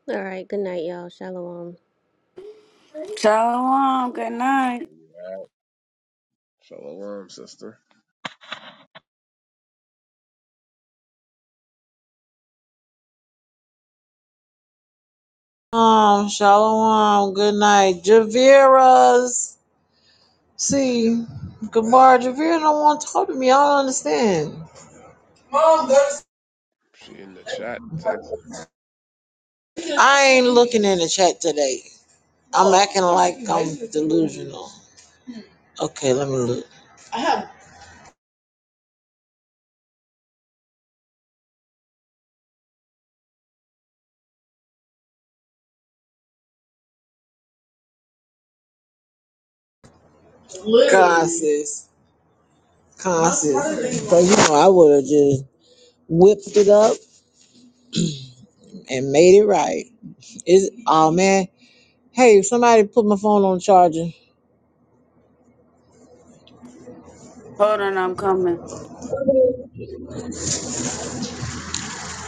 [SPEAKER 4] All right. Good night, y'all. Shalom.
[SPEAKER 2] Shalom. Good night.
[SPEAKER 6] Wow. Shalom, sister.
[SPEAKER 3] Um, shalom. Good night, Javira's. See, Gabar Javira don't want to talk to me. I don't understand. Mom, go to
[SPEAKER 6] She in the chat. texting.
[SPEAKER 3] sleep. I ain't looking in the chat today. I'm acting like I'm delusional. Okay, let me look. I have literally. God, sis. Conscious. But you know, I would have just whipped it up and made it right. It's oh man. Hey, somebody put my phone on charger.
[SPEAKER 2] Hold on, I'm coming.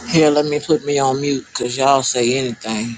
[SPEAKER 3] Here, let me put me on mute because y'all say anything.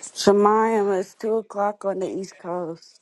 [SPEAKER 2] Shemayim, it's 2 o'clock on the East Coast.